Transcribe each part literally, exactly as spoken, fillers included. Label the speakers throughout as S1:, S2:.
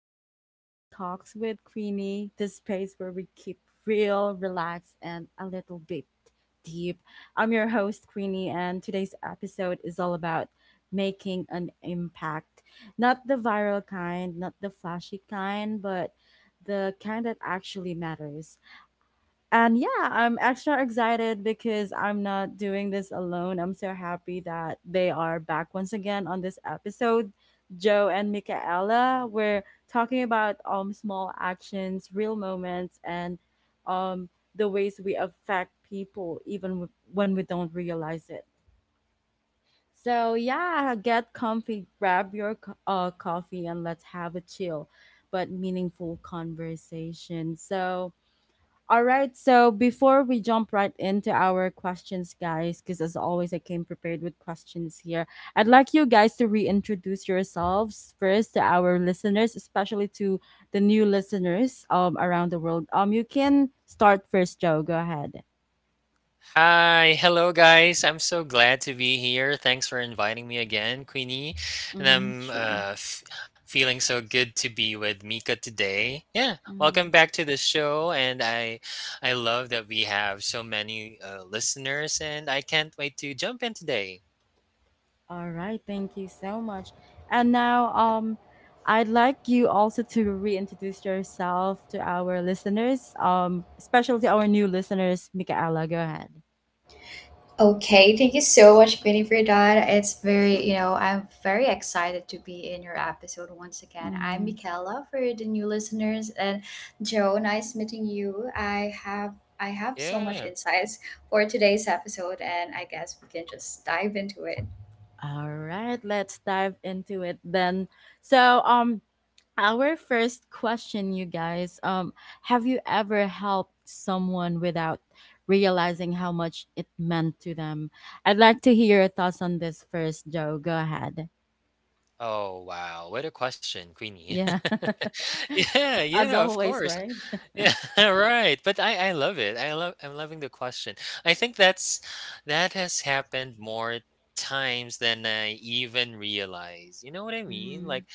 S1: back to Chill Talks with Queenie, the space where we keep real, relaxed, and a little bit deep. I'm your host, Queenie, and today's episode is all about making an impact. Not the viral kind, not the flashy kind, but the kind that actually matters. And yeah, I'm extra excited because I'm not doing this alone. I'm so happy that they are back once again on this episode. Joe and Michaela were talking about um small actions, real moments, and um the ways we affect people even w- when we don't realize it. So yeah, get comfy, grab your co- uh, coffee, and let's have a chill but meaningful conversation. So all right, so before we jump right into our questions, guys, because as always, I came prepared with questions here. I'd like you guys to reintroduce yourselves first to our listeners, especially to the new listeners, um, around the world. Um, you can start first, Joe. Go ahead.
S2: Hi, hello guys. I'm so glad to be here. Thanks for inviting me again, Queenie. And
S1: Mm-hmm.
S2: I'm
S1: Sure.
S2: uh, f- feeling so good to be with Mika today. Yeah,
S1: Mm-hmm.
S2: welcome back to the show. And I, I love that we have so many uh, listeners, and I can't wait to jump in today.
S1: All right, thank you so much. And now, um, I'd like you also to reintroduce yourself to our listeners, um, especially to our new listeners, Michaela. Go ahead.
S3: Okay, thank you so much, Queenie, for that. It's very, you know, I'm very excited to be in your episode once again. I'm
S1: Mm.
S3: Michaela for the new listeners, and Joe, nice meeting you. I have I have so much
S2: Yeah.
S3: insights for today's episode, and I guess we can just dive into it.
S1: All right, let's dive into it then. So, um, our first question, you guys, um, have you ever helped someone without realizing how much it meant to them? I'd like to hear your thoughts on this first, Joe. Go ahead.
S2: Oh wow, what a question, Queenie.
S1: Yeah,
S2: yeah,
S1: as
S2: yeah, of
S1: always,
S2: course.
S1: right?
S2: Yeah, right. But I, I love it. I love I'm loving the question. I think that's that has happened more times than I even realize. You know what I mean?
S1: Mm.
S2: Like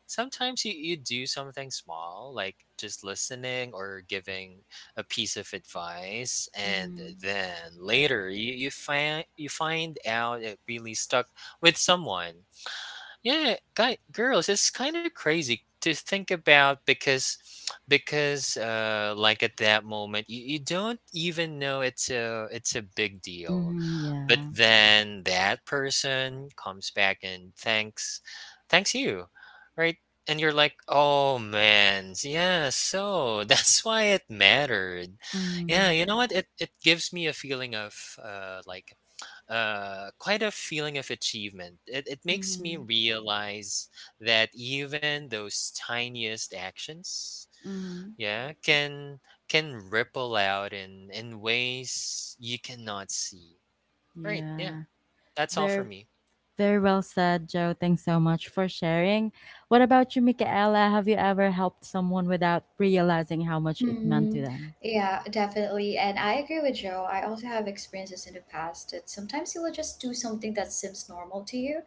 S2: sometimes you, you do something small, like just listening or giving a piece of advice, and
S1: Mm.
S2: then later you, you find you find out it really stuck with someone. Yeah, guy girls, it's kind of crazy to think about because because uh like at that moment you, you don't even know it's a it's a big deal.
S1: Mm,
S2: But
S1: yeah.
S2: then that person comes back and thanks thanks you, right? And you're like, "Oh man, yeah, so that's why it mattered." Yeah,
S1: Mm.
S2: you know what? It it gives me a feeling of uh like uh, quite a feeling of achievement. It, it makes me
S1: Mm.
S2: realize that even those tiniest actions,
S1: Mm,
S2: yeah, can can ripple out in in ways you cannot see. Right? Yeah,
S1: yeah.
S2: that's all for
S1: There.
S2: me.
S1: Very well said, Joe. Thanks so much for sharing. What about you, Michaela? Have you ever helped someone without realizing how much it meant to
S3: Mm,
S1: them?
S3: yeah, definitely. And I agree with Joe. I also have experiences in the past that sometimes you will just do something that seems normal to you,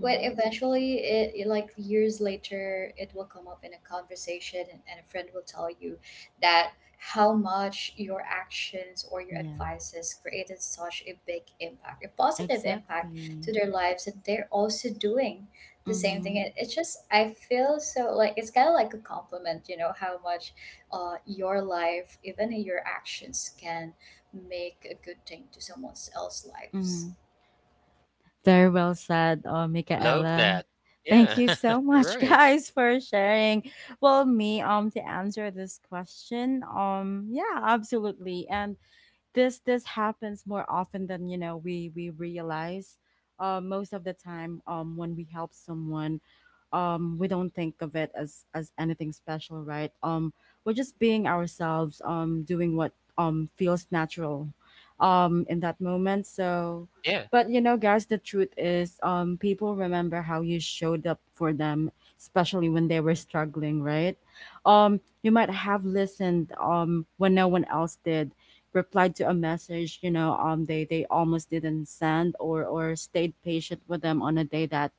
S3: but eventually, it, it, like years later, it will come up in a conversation, and, and a friend will tell you that how much your actions or your
S1: Yeah,
S3: advices created such a big impact, a positive impact to
S1: exactly.
S3: their lives, and they're also doing the same thing.
S1: Mm-hmm.
S3: It, it's just, I feel so like it's kind of like a compliment, you know, how much uh, your life, even your actions, can make a good thing to someone else's lives.
S1: Mm-hmm. Very well said, uh,
S2: Love
S1: Michaela.
S2: that.
S1: Thank
S2: Yeah.
S1: you so much,
S2: right.
S1: guys, for sharing. Well, me, um, to answer this question, um, yeah, absolutely. And this this happens more often than you know we we realize uh, most of the time, um, when we help someone, um, we don't think of it as as anything special, right? Um, we're just being ourselves, um, doing what, um, feels natural, um, in that moment. So
S2: Yeah.
S1: but you know guys, the truth is, um, people remember how you showed up for them, especially when they were struggling, right? Um, you might have listened, um, when no one else did, replied to a message you know um they they almost didn't send, or or stayed patient with them on a day that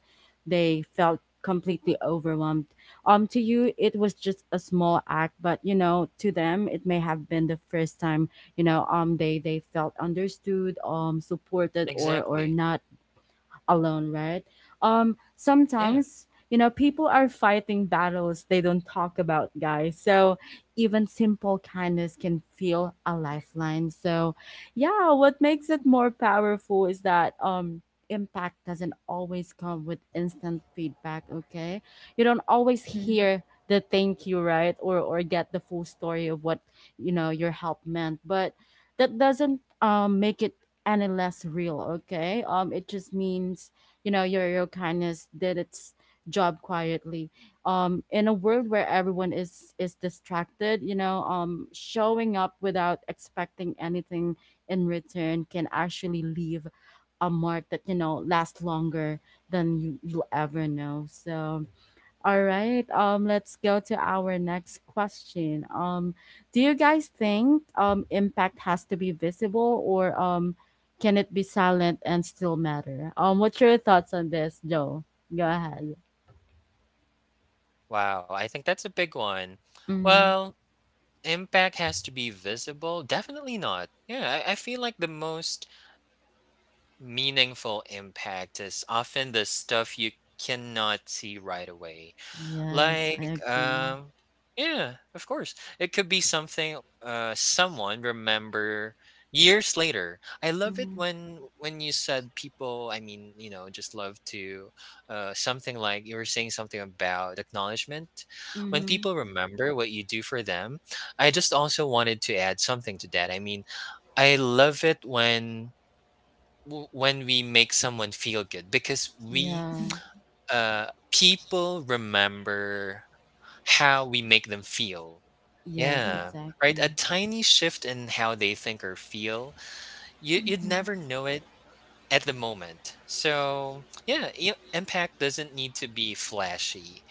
S1: they felt completely overwhelmed. um to you it was just a small act, but you know, to them it may have been the first time, you know um they they felt understood, um supported, or or
S2: Exactly.
S1: not alone, right? Um,
S2: Yeah.
S1: sometimes, you know, people are fighting battles they don't talk about, guys. So even simple kindness can feel a lifeline. So, yeah, what makes it more powerful is that um impact doesn't always come with instant feedback, okay? You don't always
S3: hmm
S1: hear the thank you, right? Or or get the full story of what, you know, your help meant, but that doesn't um make it any less real, okay? um it just means you know, your your kindness did its job quietly, um in a world where everyone is is distracted, you know, um showing up without expecting anything in return can actually leave a mark that you know lasts longer than you you'll ever know. So all right. Um, let's go to our next question. Um, do you guys think um impact has to be visible, or um can it be silent and still matter? Um, what's your thoughts on this, Joe? Go ahead.
S2: Wow. I think that's a big one.
S1: Mm-hmm.
S2: Well. Impact has to be visible? Definitely not. Yeah, I, I feel like the most meaningful impact is often the stuff you cannot see right away.
S1: Yes, I
S2: Like,
S1: agree.
S2: um, yeah, of course, it could be something uh, someone remember years later. I love it
S1: Mm-hmm.
S2: when when you said people. I mean, you know, just love to uh, something like you were saying something about acknowledgement. When
S1: Mm-hmm.
S2: people remember what you do for them, I just also wanted to add something to that. I mean, I love it when w- when we make someone feel good because we
S1: Yeah.
S2: uh people remember how we make them feel,
S1: Yes,
S2: yeah,
S3: Yeah.
S2: right. A
S1: exactly.
S2: tiny shift in how they think or feel, you you'd
S3: Mm-hmm.
S2: never know it at the moment. So yeah, i- impact doesn't need to be flashy,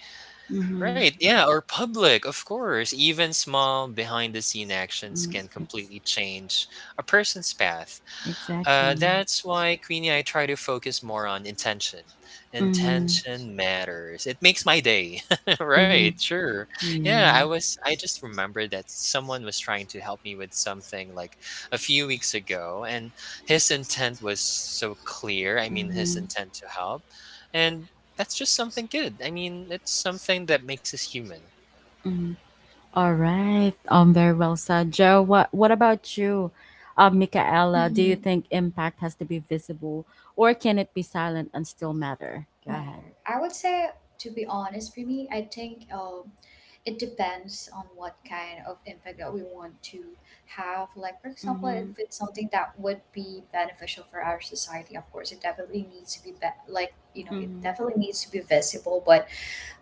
S1: Mm-hmm.
S2: right? Yeah, or public, of course. Even small behind the scene actions
S1: Mm,
S2: can
S1: ex-
S2: completely change a person's path. Uh,
S1: exactly.
S2: that's why, Queenie, I try to focus more on intention.
S1: Mm-hmm.
S2: Intention matters. It makes my day. right,
S1: Mm-hmm.
S2: sure. Yeah, I
S1: Yeah.
S2: was, I just remembered that someone was trying to help me with something like a few weeks ago, and his intent was so clear. I mean, his
S1: Mm-hmm.
S2: intent to help. And that's just something good. I mean, it's something that makes us human.
S1: All right. Um, very well said, Joe. What What about you, uh, Michaela? Do you
S3: Mm-hmm.
S1: think impact has to be visible, or can it be silent and still matter? Go ahead.
S3: Matter, I would say. To be honest, for me, I think um, it depends on what kind of impact that we want to have. Like, for example, if
S1: Mm-hmm.
S3: it's something that would be beneficial for our society, of course, it definitely needs to be, be- like, you know, it
S1: Mm-hmm.
S3: definitely needs to be visible. But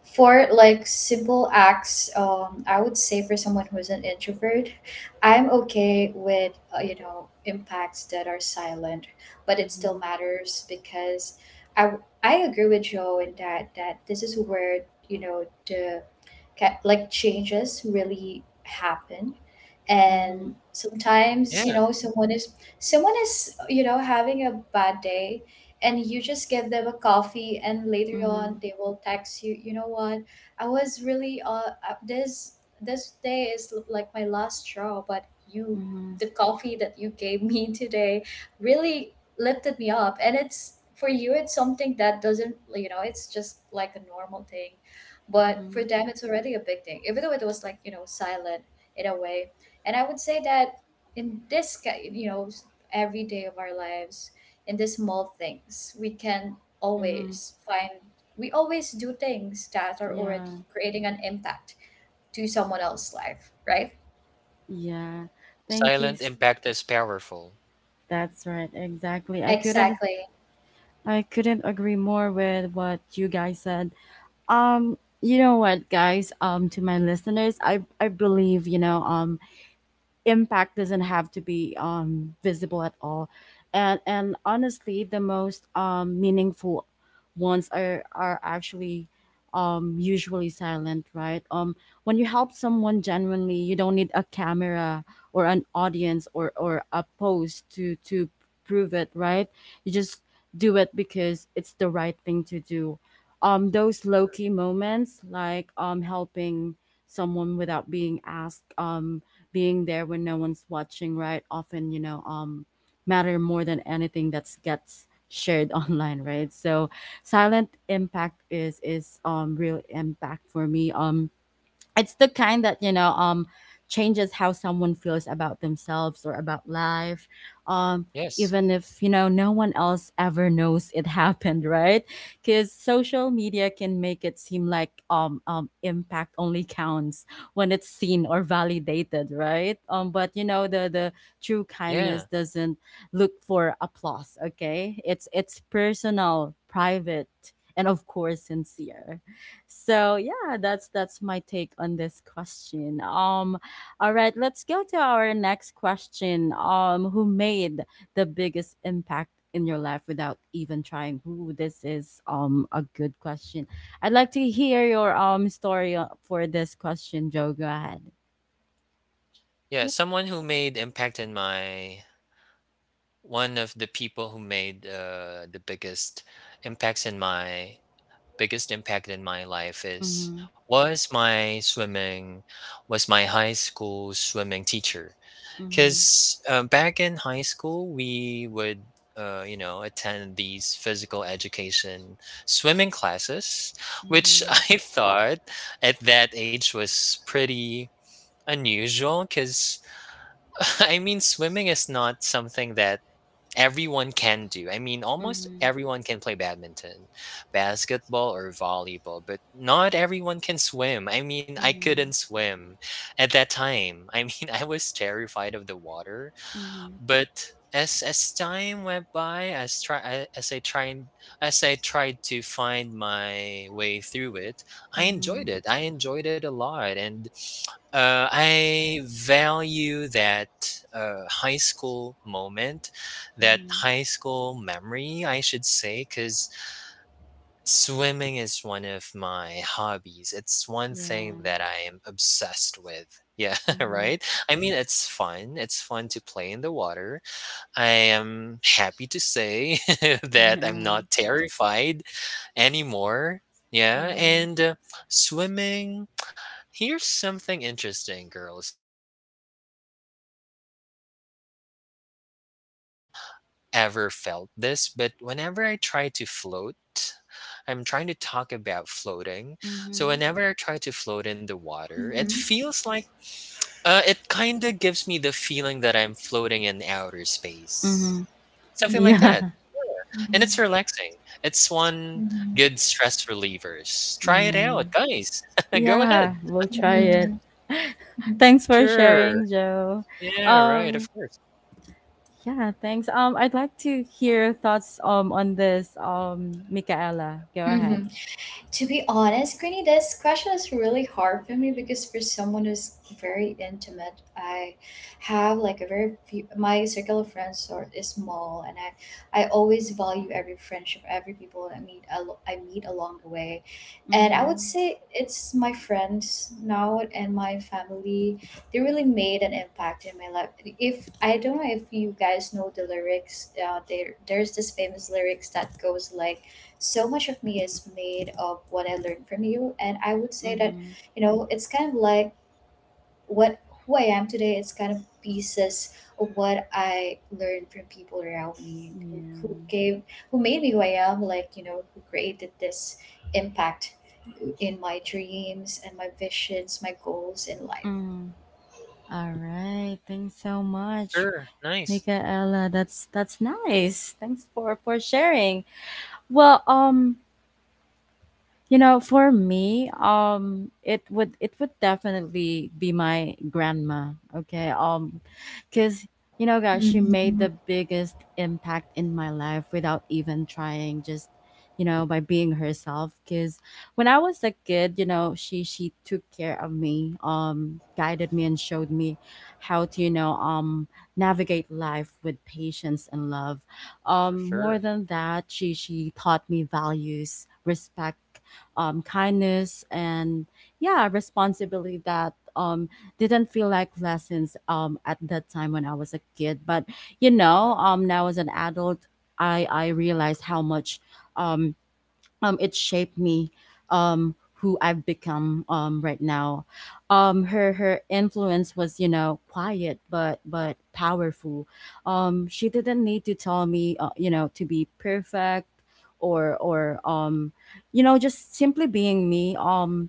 S3: for like simple acts, um I would say for someone who's an introvert, I'm okay with, uh, you know, impacts that are silent, but it still matters because I I agree with Joe in that that this is where, you know, the ca- like changes really happen.
S1: Mm-hmm. Mm-hmm.
S3: And sometimes, you
S2: Yeah.
S3: know, someone is someone is, you know, having a bad day and you just give them a coffee, and later on they will text you, you know what, I was really uh uh, this this day is l- like my last straw, but you,
S1: Mm-hmm.
S3: the coffee that you gave me today really lifted me up. And it's, for you, it's something that doesn't, you know, it's just like a normal thing, but
S1: Mm-hmm.
S3: for them it's already a big thing, even though it was like, you know, silent in a way. And I would say that in this ki- you know, s- every day of our lives, in the small things, we can
S1: Mm-hmm.
S3: always find, we always do things that are
S1: Yeah.
S3: already creating an impact to someone else's life, right?
S1: Yeah. Thank you.
S2: Silent
S1: s-
S2: impact is powerful.
S1: That's right. Exactly. I couldn't.
S3: Exactly.
S1: I couldn't agree more with what you guys said. Um. You know what, guys? Um, to my listeners, I I believe you know. Um, impact doesn't have to be, um, visible at all, and and honestly the most, um, meaningful ones are are actually, um, usually silent, right? um when you help someone genuinely, you don't need a camera or an audience, or or a post to to prove it, right? You just do it because it's the right thing to do. um those low-key moments, like um helping someone without being asked, um being there when no one's watching, right? Often, you know, um, matter more than anything that's gets shared online, right? So silent impact is is um real impact for me. Um it's the kind that you know um changes how someone feels about themselves or about life, um
S2: Yes.
S1: even if you know no one else ever knows it happened, right? Because social media can make it seem like, um, um impact only counts when it's seen or validated, right? um but you know the the true kindness
S2: Yeah.
S1: doesn't look for applause, okay? it's it's personal, private, and of course sincere. So yeah, that's that's my take on this question. Um, all right, let's go to our next question. Um, who made the biggest impact in your life without even trying? Ooh, this is um a good question. I'd like to hear your um story uh, for this question, Joe. Go ahead.
S2: Yeah,
S1: Yep.
S2: someone who made impact in my one of the people who made uh, the biggest impacts in my biggest impact in my life is
S1: Mm-hmm.
S2: was my swimming was my high school swimming teacher,
S1: Mm-hmm.
S2: because uh, back in high school we would, uh, you know, attend these physical education swimming classes, which I thought at that age was pretty unusual because, I mean, swimming is not something that everyone can do. I mean, almost
S1: Mm-hmm.
S2: everyone can play badminton, basketball, or volleyball, but not everyone can swim. I mean, I couldn't
S1: Mm-hmm.
S2: swim at that time. I mean, I was terrified of the water,
S1: Mm-hmm.
S2: but as as time went by, as try I- as I tried as I tried to find my way through it, I
S1: Mm-hmm.
S2: enjoyed
S1: Mm-hmm.
S2: it. I enjoyed it a lot, and uh, I value that uh, high school moment, that
S1: Mm-hmm.
S2: high school memory, I should say, because swimming is one of my hobbies. It's one thing
S1: Yeah.
S2: that I am obsessed with. Yeah,
S1: Mm-hmm.
S2: right? I mean, it's fun. It's fun to play in the water. I am happy to say that I'm not
S1: Yeah.
S2: terrified anymore. Yeah,
S1: Mm-hmm.
S2: and uh, swimming. Here's something interesting, girls. I mean, I I don't know if it's just me. I don't know if you have ever felt this, but whenever I try to float, I'm trying to talk about floating. So,
S1: Mm-hmm.
S2: whenever I try to float in the water, it
S3: Mm-hmm.
S2: feels like uh, it kinda gives me the feeling that I'm floating in outer space.
S1: Mm-hmm.
S2: Something like
S1: Yeah.
S3: Mm-hmm.
S2: that, and it's relaxing. It's one
S3: Mm-hmm.
S2: good stress relievers. Try it
S1: Yeah.
S2: out, guys. Go
S1: Yeah.
S2: ahead.
S1: We'll try it.
S3: Mm-hmm.
S1: Thanks for
S2: Sure.
S1: sharing, Joe.
S2: Yeah, right,
S1: Um,
S2: of course.
S1: yeah, thanks. Um, I'd like to hear your thoughts um on this. Um, Michaela. Go
S3: Mm-hmm.
S1: ahead.
S3: To be honest, Queenie, this question is really hard for me because for someone who's very intimate, I have like a very few, my circle of friends are is small, and I I always value every friendship, every people I meet, al- I meet along the way, and I would
S1: Mm-hmm.
S3: say it's my friends now and my family. They really made an impact in my life. If I don't know if you guys know the lyrics, uh, there there's this famous lyrics that goes like, so much of me is made of what I learned from you. And I would say that,
S1: Mm-hmm.
S3: you know, it's kind of like what who I am today, it's kind of pieces of what I learned from people around me who,
S1: Yeah.
S3: who gave who made me who I am, like, you know, who created this impact in my dreams and my visions, my goals in life.
S1: Mm. All right. Thanks so much,
S2: Sure, nice.
S1: Michaela. That's that's nice. Thanks for for sharing. Well, um, you know, for me, um, it would it would definitely be my grandma. Okay, um, because you know, guys, she made
S3: Mhm.
S1: the biggest impact in my life without even trying. Just you know, by being herself. Because when I was a kid, you know, she she took care of me, um, guided me and showed me how to you know um navigate life with patience and love.
S2: For
S1: Um, more
S2: sure.
S1: than that, she she taught me values, respect, um, kindness, and yeah responsibility that, um, didn't feel like lessons, um, at that time when I was a kid. But you know, um, now as an adult, I I realized how much, um, um, it shaped me, um, who I've become, um, right now. Um, her her influence was you know quiet but but powerful. Um, she didn't need to tell me, uh, you know, to be perfect, or or um, you know, just simply being me. Um,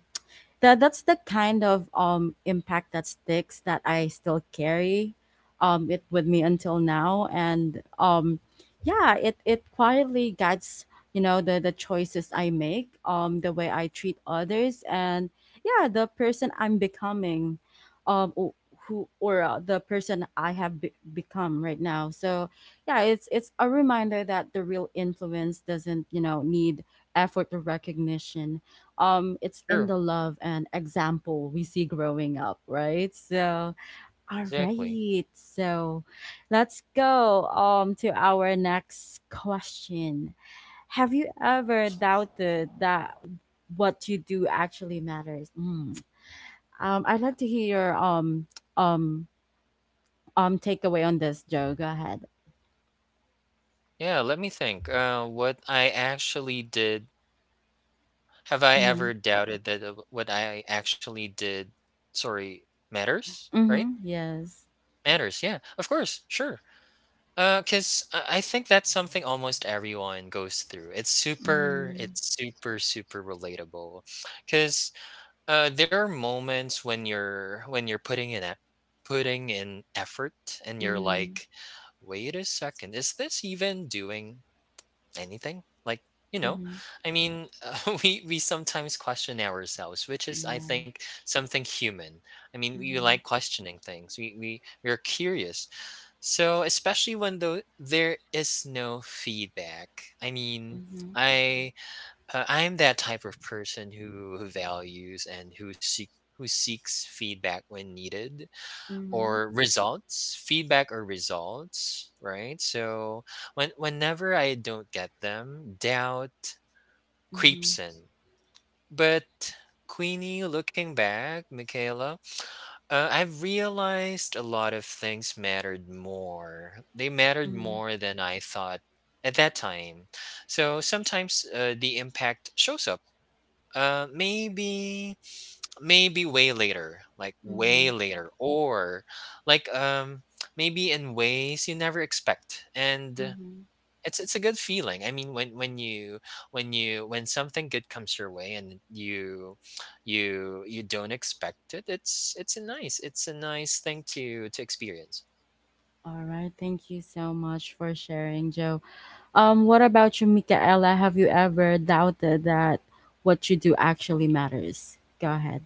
S1: that that's the kind of um impact that sticks, that I still carry um it with me until now, and um yeah it it quietly guides you know the the choices I make, um the way I treat others, and yeah the person I'm becoming, um o- who or, uh, the person I have be- become right now. So yeah, it's it's a reminder that the real influence doesn't you know need effort or recognition, um it's in
S2: True,
S1: the love and example we see growing up, right? So all
S2: exactly.
S1: right, so let's go um to our next question. Have you ever doubted that what you do actually matters? Mm. um I'd like to hear your, um um um takeaway on this, Joe. Go ahead.
S2: Yeah, let me think, uh, what I actually did have I
S1: Mm-hmm.
S2: ever doubted that, uh, what I actually did, sorry, matters, right?
S1: Mm-hmm. Yes.
S2: Matters, yeah, of course, sure. Uh, 'cause I I think that's something almost everyone goes through. It's super
S1: Mm-hmm.
S2: it's super, super relatable. 'Cause, uh, there are moments when you're when you're putting in e putting in effort and you're
S1: Mm-hmm.
S2: like, "Wait a second, is this even doing anything like you know?"
S1: Mm-hmm.
S2: I mean, uh, we we sometimes question ourselves, which is, I
S1: Yeah.
S2: think, something human. I mean, we like
S1: Mm-hmm.
S2: questioning things. We we we're curious. So especially when though there is no feedback, I mean,
S1: Mm-hmm.
S2: i uh, I'm that type of person who, who values and who seek who seeks feedback when needed,
S1: Mm-hmm.
S2: or results, feedback or results right? So when whenever I don't get them, doubt
S1: Mm-hmm.
S2: creeps in. But Queenie, looking back, Michaela, uh, I've realized a lot of things mattered more, they mattered
S1: Mm.
S2: more than I thought at that time. So sometimes uh, the impact shows up uh, maybe maybe way later, like way
S1: Mhm.
S2: later or like um maybe in ways you never expect. And
S1: Mhm.
S2: it's it's a good feeling. I mean, when when you when you when something good comes your way and you you you don't expect it, it's it's a nice, it's a nice thing to to experience.
S1: All right, thank you so much for sharing, Joe. Um, what about you, Michaela? Have you ever doubted that what you do actually matters? Go ahead.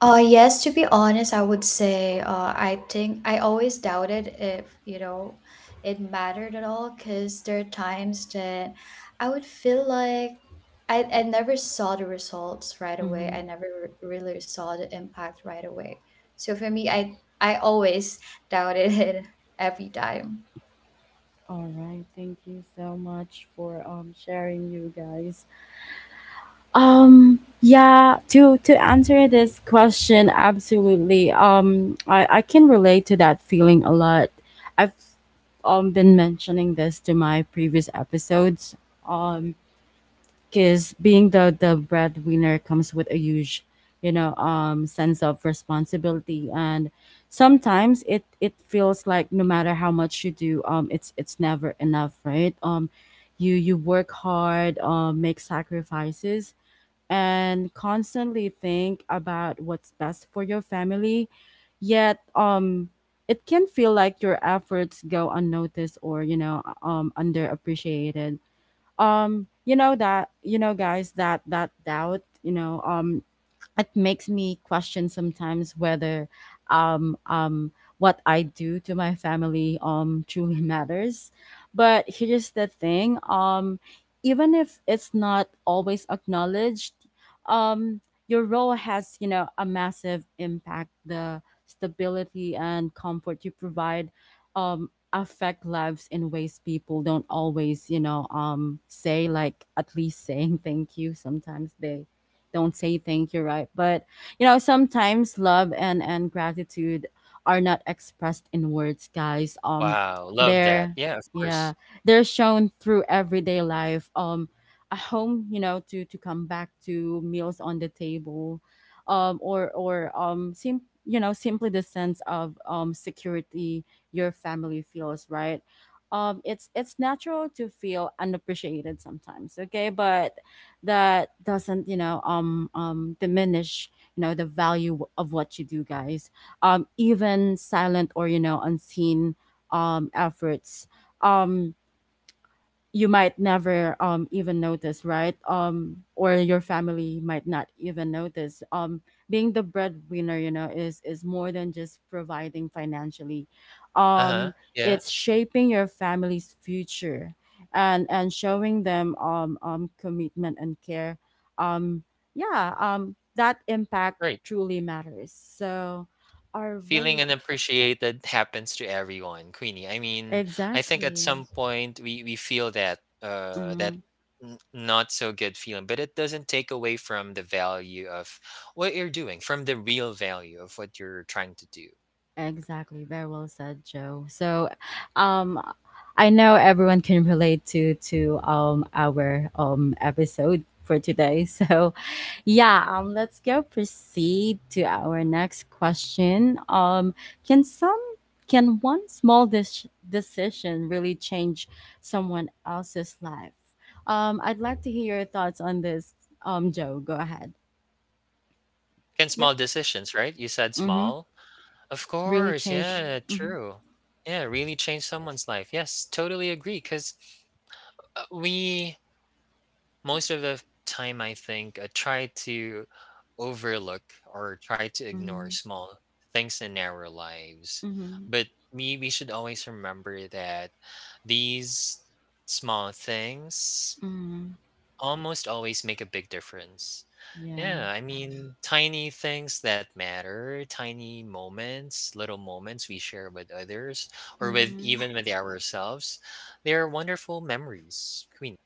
S3: Uh, yes, to be honest, I would say uh, I think I always doubted if, you know, it mattered at all, because there are times that I would feel like I, I never saw the results right away. I
S1: Mhm.
S3: never re- really saw the impact right away. So for me, I I always doubted it every time.
S1: All right, thank you so much for um sharing, you guys. Um, yeah, to to answer this question, absolutely. Um, I I can relate to that feeling a lot. I've um been mentioning this to my previous episodes. Um because being the the breadwinner comes with a huge you know um sense of responsibility, and sometimes it it feels like no matter how much you do um it's it's never enough, right? um you you work hard, um make sacrifices, and constantly think about what's best for your family, yet um it can feel like your efforts go unnoticed or you know um underappreciated. um you know, that you know guys, that that doubt you know um it makes me question sometimes whether, um um what I do to my family um truly matters. But here's the thing, um even if it's not always acknowledged, um your role has, you know, a massive impact. The stability and comfort you provide um affect lives in ways people don't always, you know, um say, like at least saying thank you. Sometimes they don't say thank you, right? But you know, sometimes love and and gratitude are not expressed in words, guys. Um
S2: Wow, love that.
S1: they're
S2: Yeah, of course.
S1: yeah, they're shown through everyday life. Um a home, you know, to to come back to, meals on the table, um or or um sim- you know, simply the sense of um security your family feels, right? Um it's it's natural to feel unappreciated sometimes, okay, but that doesn't you know um um diminish, you know, the value of what you do, guys. Um even silent or, you know, unseen um efforts um you might never um even notice, right? Um or your family might not even notice. Um being the breadwinner, you know, is is more than just providing financially.
S2: Uh-huh,
S1: um
S2: yeah,
S1: it's shaping your family's future and and showing them um um commitment and care. um yeah, um that impact
S2: right.
S1: truly matters, so all
S2: Feeling
S1: right.
S2: unappreciated happens to everyone, Queenie. I mean, I think at
S1: Exactly.
S2: some point we we feel that uh that
S1: Mhm.
S2: n- not so good feeling, but it doesn't take away from the value of what you're doing, from the real value of what you're trying to do.
S1: Exactly. Very well said, Joe. So, um, I know everyone can relate to to um our um episode for today. So yeah, um, let's go proceed to our next question. Um, can some can one small dis- decision really change someone else's life? Um, I'd like to hear your thoughts on this. Um, Joe, go ahead.
S2: Can
S1: Yep.
S2: small decisions, right? You said
S1: Mm-hmm.
S2: small. Of
S1: Really
S2: course,
S1: change.
S2: yeah,
S1: Mm-hmm.
S2: true. Yeah, really change someone's life. Yes, totally agree. Because we most of the time I think I try to overlook or try to ignore
S1: Mm-hmm.
S2: small things in our lives,
S1: Mm-hmm.
S2: but we, we should always remember that these small things
S1: Mm-hmm.
S2: almost always make a big difference.
S1: Yeah.
S2: Yeah, I mean, tiny things that matter, tiny moments, little moments we share with others or with
S1: Mm-hmm.
S2: even with ourselves, they're wonderful memories, Queenie.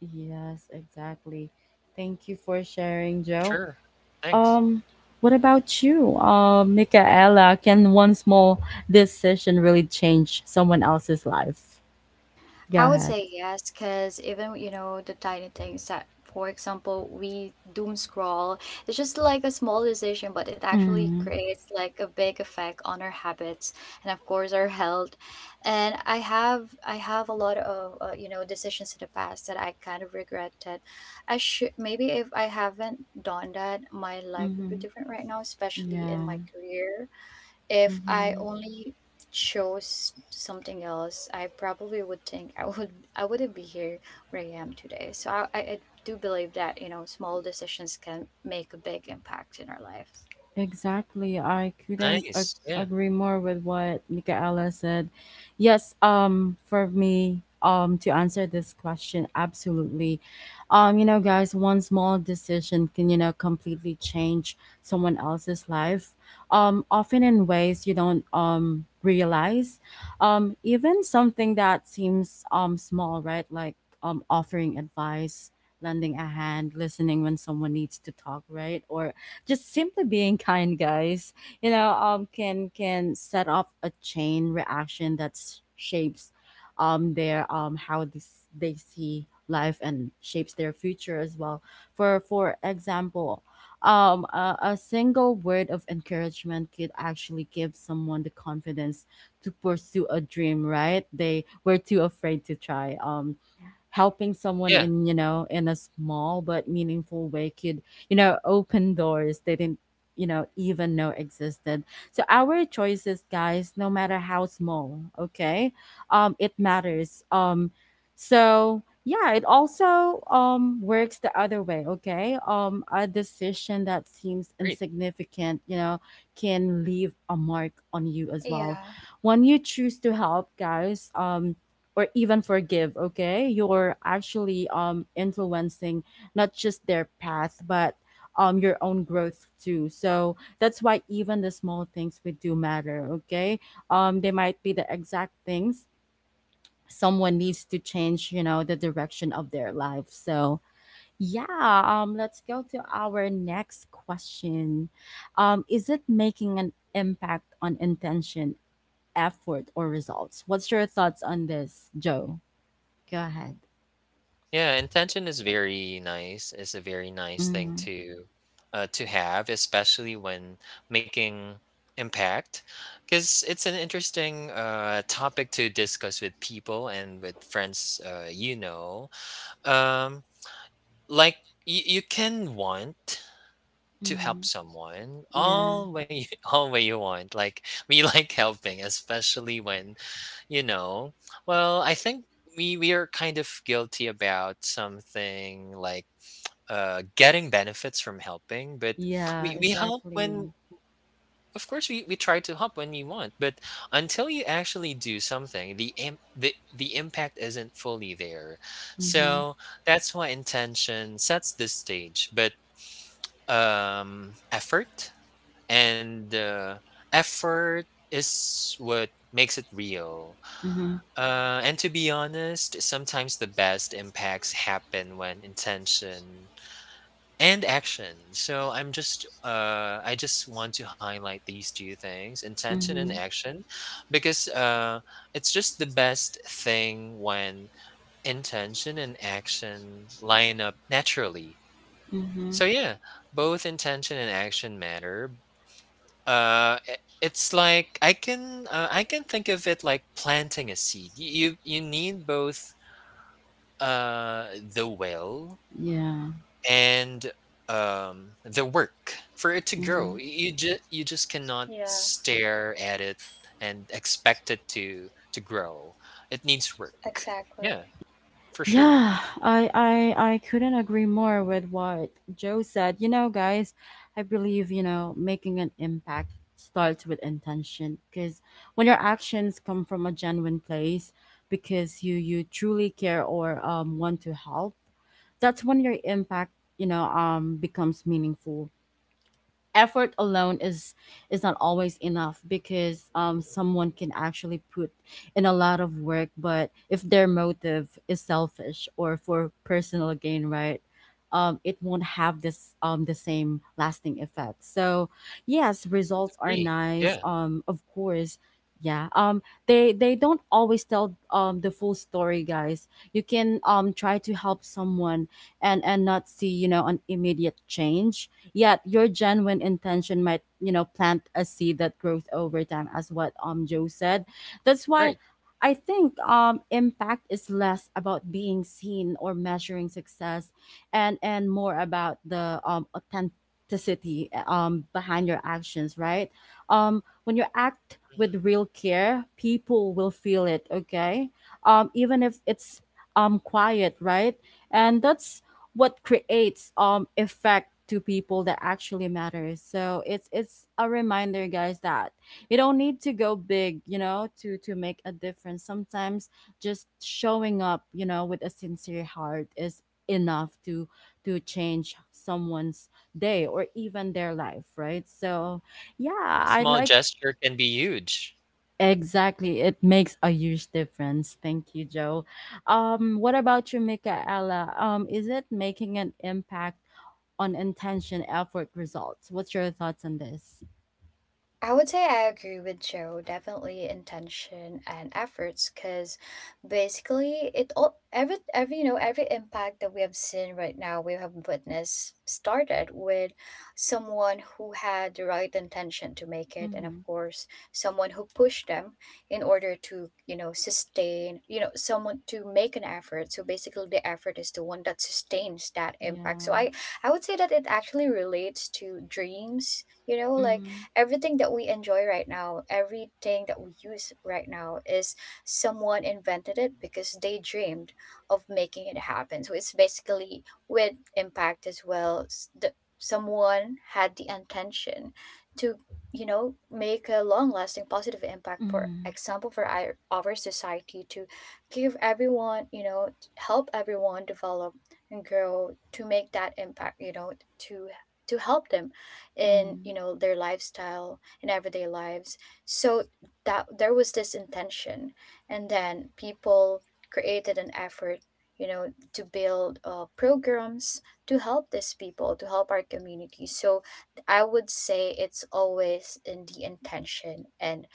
S1: Yes, exactly. Thank you for sharing, Joe.
S2: Sure, thanks.
S1: Um, what about you, uh, Michaela? Can one small decision really change someone else's life? Go
S3: I would
S1: ahead.
S3: say yes, because even, you know, the tiny things that, for example, we doom scroll, it's just like a small decision, but it actually
S1: Mm-hmm.
S3: creates like a big effect on our habits and of course our health. And I have I have a lot of, uh, you know, decisions in the past that I kind of regretted. I should, maybe if I haven't done that, my life would be
S1: Mm-hmm.
S3: different right now, especially in my
S1: Yeah.
S3: career, if I
S1: Mm-hmm.
S3: only chose something else, I probably would think I would I wouldn't be here where I am today. So, I, I I do believe that, you know, small decisions can make a big impact in our lives.
S1: Exactly. I couldn't ag-
S2: Nice. Yeah.
S1: agree more with what Michaela said. Yes, um for me, um to answer this question, absolutely. Um you know, guys, one small decision can, you know, completely change someone else's life, Um often in ways you don't um realize. Um even something that seems um small, right? Like, um offering advice, lending a hand, listening when someone needs to talk, right? Or just simply being kind, guys, you know, um, can can set off a chain reaction that s- shapes um their um how this they see life and shapes their future as well. For for example, um a, a single word of encouragement could actually give someone the confidence to pursue a dream, right? They were too afraid to try. Um helping someone
S2: Yeah.
S1: in, you know, in a small but meaningful way could, you know, open doors they didn't, you know, even know existed. So our choices, guys, no matter how small, okay, um it matters. Um so yeah, it also um works the other way, okay. Um a decision that seems
S2: Great.
S1: insignificant, you know, can leave a mark on you as well.
S3: Yeah,
S1: When you choose to help, guys, um or even forgive, okay, you're actually um influencing not just their path but um your own growth too. So that's why even the small things we do matter, okay. Um they might be the exact things someone needs to change, you know, the direction of their life. So yeah, um let's go to our next question. Um is it making an impact on intention, effort, or results? What's your thoughts on this, Joe? Go ahead.
S2: Yeah. Intention is very nice. It's a very nice thing
S1: Mhm,
S2: to uh, to have, especially when making impact, because it's an interesting uh, topic to discuss with people and with friends. Uh, you know, um, like y- you can want to help
S1: mhm.
S2: someone
S1: Yeah.
S2: all way you- all way you want. Like we like helping, especially when you know. Well, I think we we are kind of guilty about something like uh getting benefits from helping. But
S1: Yeah,
S2: we we help when,
S1: exactly.
S2: of course, we, we try to help when you want, but until you actually do something, the im- the the impact isn't fully there.
S1: Mhm,
S2: So that's why intention sets the stage, but um effort, and uh, effort is what makes it real.
S1: mhm,
S2: Uh, and to be honest, sometimes the best impacts happen when intention and action. So I'm just, uh, I just want to highlight these two things, intention and
S1: mhm,
S2: action, because uh, it's just the best thing when intention and action line up naturally.
S1: mhm.
S2: So yeah, both intention and action matter. Uh, i- it's like I can, uh, I can think of it like planting a seed. Y- You you need both uh the will
S1: Yeah.
S2: and um the work for it to grow.
S1: Mhm.
S2: Y- You just you just cannot
S3: yeah,
S2: stare at it and expect it to to grow. It needs work.
S3: exactly.
S2: Yeah, for sure.
S1: Yeah, I I I couldn't agree more with what Joe said. You know, guys, I believe, you know, making an impact starts with intention, because when your actions come from a genuine place, because you, you truly care or um want to help, that's when your impact, you know, um becomes meaningful. Effort alone is is not always enough, because um someone can actually put in a lot of work, but if their motive is selfish or for personal gain, right, um it won't have this um the same lasting effect. So yes, results are
S2: Agree. Yeah,
S1: nice, um of course, yeah, um they they don't always tell um the full story, guys. You can um try to help someone and and not see, you know, an immediate change. Yet your genuine intention might, you know, plant a seed that grows over time, as what um Joe said. That's why
S2: right.
S1: I think um impact is less about being seen or measuring success and and more about the um authenticity um behind your actions, right? Um when you act
S2: Mhm.
S1: with real care, people will feel it, okay? Um even if it's um quiet, right? And that's what creates um effect to people that actually matters. So it's it's a reminder, guys, that you don't need to go big, you know, to to make a difference. Sometimes just showing up, you know, with a sincere heart is enough to to change someone's day or even their life, right? So yeah,
S2: A small
S1: I like,
S2: gesture can be huge.
S1: exactly, it makes a huge difference. Thank you, Joe. Um what about you, Michaela? Um is it making an impact? Unintention, effort, results. What's your thoughts on this?
S3: I would say I agree with Joe. Definitely intention and efforts, because basically it all, every every you know, every impact that we have seen right now, we have witnessed, started with someone who had the right intention to make it, and of
S1: Mm-hmm.
S3: course someone who pushed them in order to, you know, sustain, you know, someone to make an effort. So basically the effort is the one that sustains that impact. So
S1: Yeah.
S3: I I would say that it actually relates to dreams. You know, like
S1: Mm-hmm.
S3: everything that we enjoy right now, everything that we use right now is, someone invented it because they dreamed of making it happen. So it's basically with impact as well. s- The, someone had the intention to, you know, make a long lasting positive impact, for
S1: Mm-hmm.
S3: example, for our, our society, to give everyone, you know, t- help everyone develop and grow, to make that impact, you know, to to help them in,
S1: Mm-hmm.
S3: you know, their lifestyle and everyday lives. So that there was this intention, and then people created an effort, you know, to build, uh, programs to help these people, to help our community. So I would say it's always in the intention and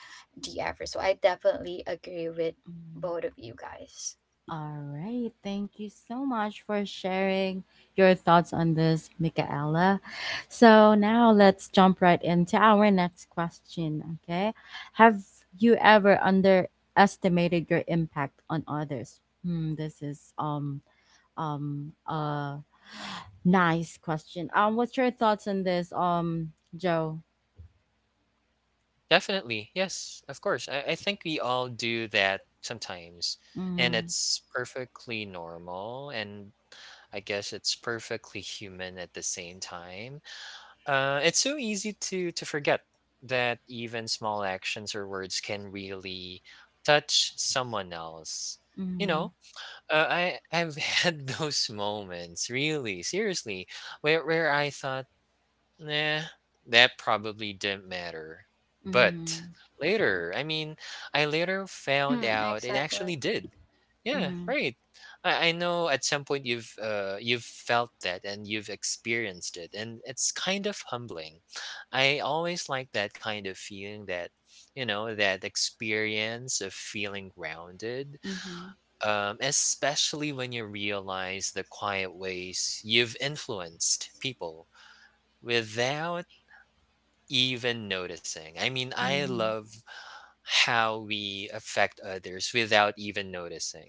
S3: the effort. So I definitely agree with
S1: Mm-hmm.
S3: both of you guys.
S1: All right. Thank you so much for sharing your thoughts on this, Michaela. So now let's jump right into our next question. Okay. Have you ever underestimated your impact on others? Hmm, this is um um uh nice question. Um what's your thoughts on this, um Joe?
S2: Definitely. Yes, of course. I, I think we all do that sometimes. And
S1: Mm-hmm,
S2: it's perfectly normal. And I guess it's perfectly human at the same time. Uh, it's so easy to to forget that even small actions or words can really touch someone else. You know,
S1: mm-hmm,
S2: uh, I I've had those moments, really, seriously, where where I thought, nah, that probably didn't matter. But
S1: mm-hmm,
S2: later, I mean, I later found
S3: mm,
S2: out it actually
S3: exactly.
S2: did. Yeah,
S1: mm-hmm,
S2: right. I, I know at some point you've uh, you've felt that and you've experienced it, and it's kind of humbling. I always like that kind of feeling, that you know, that experience of feeling grounded,
S1: mm-hmm,
S2: um, especially when you realize the quiet ways you've influenced people without even noticing. I mean, I
S1: mm-hmm,
S2: love how we affect others without even noticing,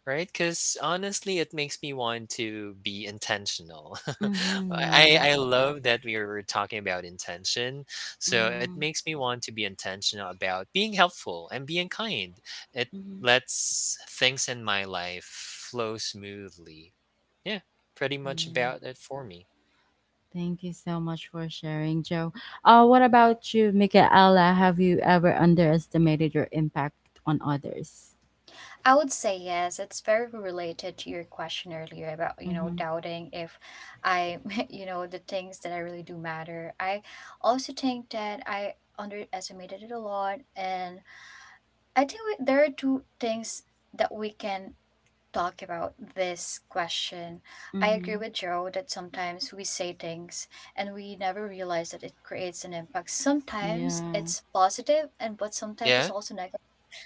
S2: right? Because honestly, it makes me want to be intentional.
S1: mm-hmm,
S2: I,
S1: yeah,
S2: I love that we were talking about intention. So it
S1: mm-hmm,
S2: makes me want to be intentional about being helpful and being kind. It
S1: mm-hmm,
S2: lets things in my life flow smoothly. Yeah, pretty much
S1: yeah.
S2: about it for me.
S1: Thank you so much for sharing, Joe. Uh what about you, Michaela? Have you ever underestimated your impact on others?
S3: I would say yes. It's very related to your question earlier about, you know,
S1: Mm-hmm,
S3: doubting if I, you know, the things that I really do matter. I also think that I underestimated it a lot. And I think we, there are two things that we can talk about this question. I agree
S1: mm-hmm,
S3: with Joe that sometimes we say things and we never realize that it creates an impact. Sometimes
S1: yeah,
S3: it's positive, and but sometimes
S2: Yeah,
S3: it's also negative.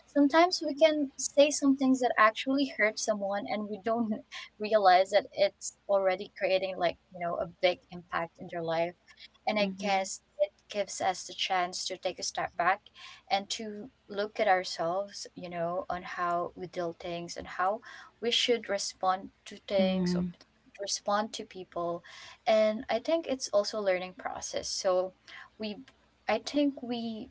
S3: Sometimes we can say some things that actually hurt someone and we don't realize that it's already creating like, you know, a big impact in their life. And I
S1: mm-hmm,
S3: guess it gives us the chance to take a step back and to look at ourselves, you know, on how we deal things and how we should respond to things or
S1: mm-hmm,
S3: respond to people. And I think it's also a learning process. So we I think we